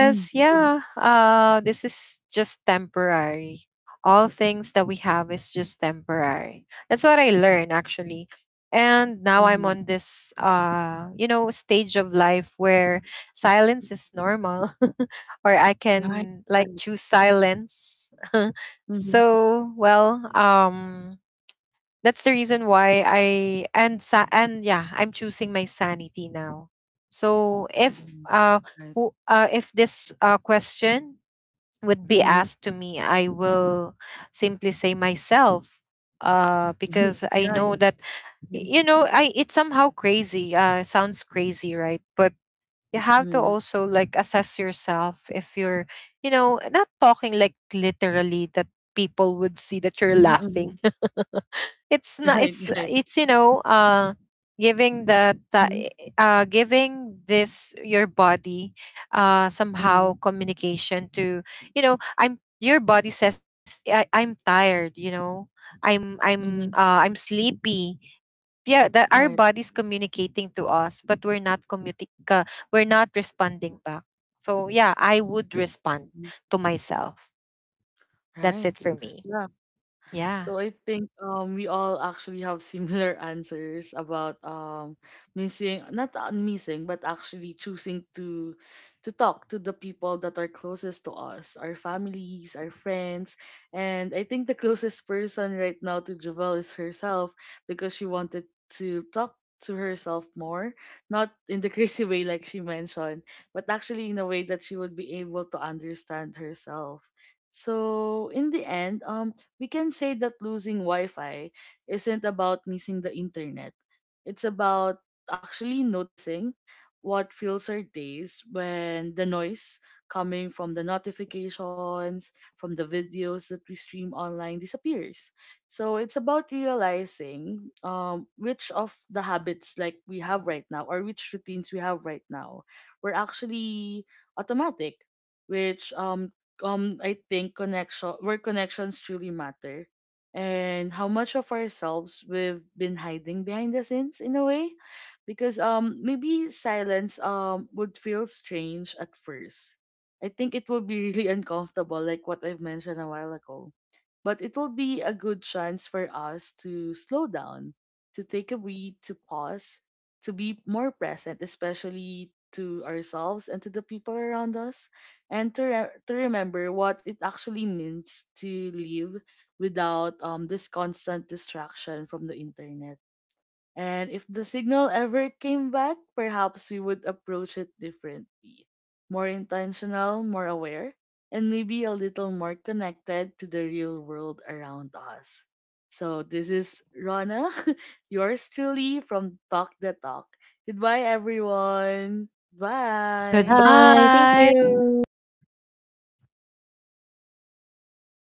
A: Mm-hmm.
B: yeah, this is just temporary. All things that we have is just temporary. That's what I learned actually. And now I'm
A: Mm-hmm.
B: on this, you know, stage of life where silence is normal or I
A: Right.
B: can like
A: Right.
B: choose silence.
A: Mm-hmm.
B: So well, that's the reason why I and sa- and yeah, I'm choosing my sanity now. So if
A: Right.
B: if this, question would be
A: Mm-hmm.
B: asked to me, I will simply say myself, because I
A: Yeah.
B: know that you know, I it's somehow crazy, sounds crazy, right? But you have to also like assess yourself. If you're, you know, not talking, like literally that people would see that you're laughing,
A: Mm-hmm.
B: it's not
A: Right,
B: it's
A: right.
B: it's you know, giving that
A: Mhm,
B: giving this your body
A: mhm,
B: somehow communication to, you know, I'm your body says I'm tired, you know,
A: mhm.
B: I'm sleepy. Yeah, that our
A: Right,
B: body's communicating to us but we're not uh, we're not responding back. So yeah, I would
A: right.
B: respond
A: Mhm.
B: to myself. That's
A: Right.
B: it for me.
A: Yeah.
B: Yeah.
A: So I think we all actually have similar answers about missing not missing, but actually choosing to talk to the people that are closest to us, our families, our friends, and I think the closest person right now to Javel is herself, because she wanted to talk to herself more, not in the crazy way like she mentioned, but actually in a way that she would be able to understand herself. So in the end, we can say that losing Wi-Fi isn't about missing the internet. It's about actually noticing what fills our days when the noise coming from the notifications, from the videos that we stream online disappears. So it's about realizing which of the habits like we have right now, or which routines we have right now, were actually automatic, which I think connection, where connections truly matter, and how much of ourselves we've been hiding behind the scenes in a way, because maybe silence would feel strange at first. I think it will be really uncomfortable like what I've mentioned a while ago. But it will be a good chance for us to slow down, to take a breath, to pause, to be more present, especially to ourselves and to the people around us, and to remember what it actually means to live without this constant distraction from the internet. And if the signal ever came back, perhaps we would approach it differently, more intentional, more aware, and maybe a little more connected to the real world around us. So, this is Rana, yours truly from Talk the Talk. Goodbye, everyone. Bye.
B: Goodbye.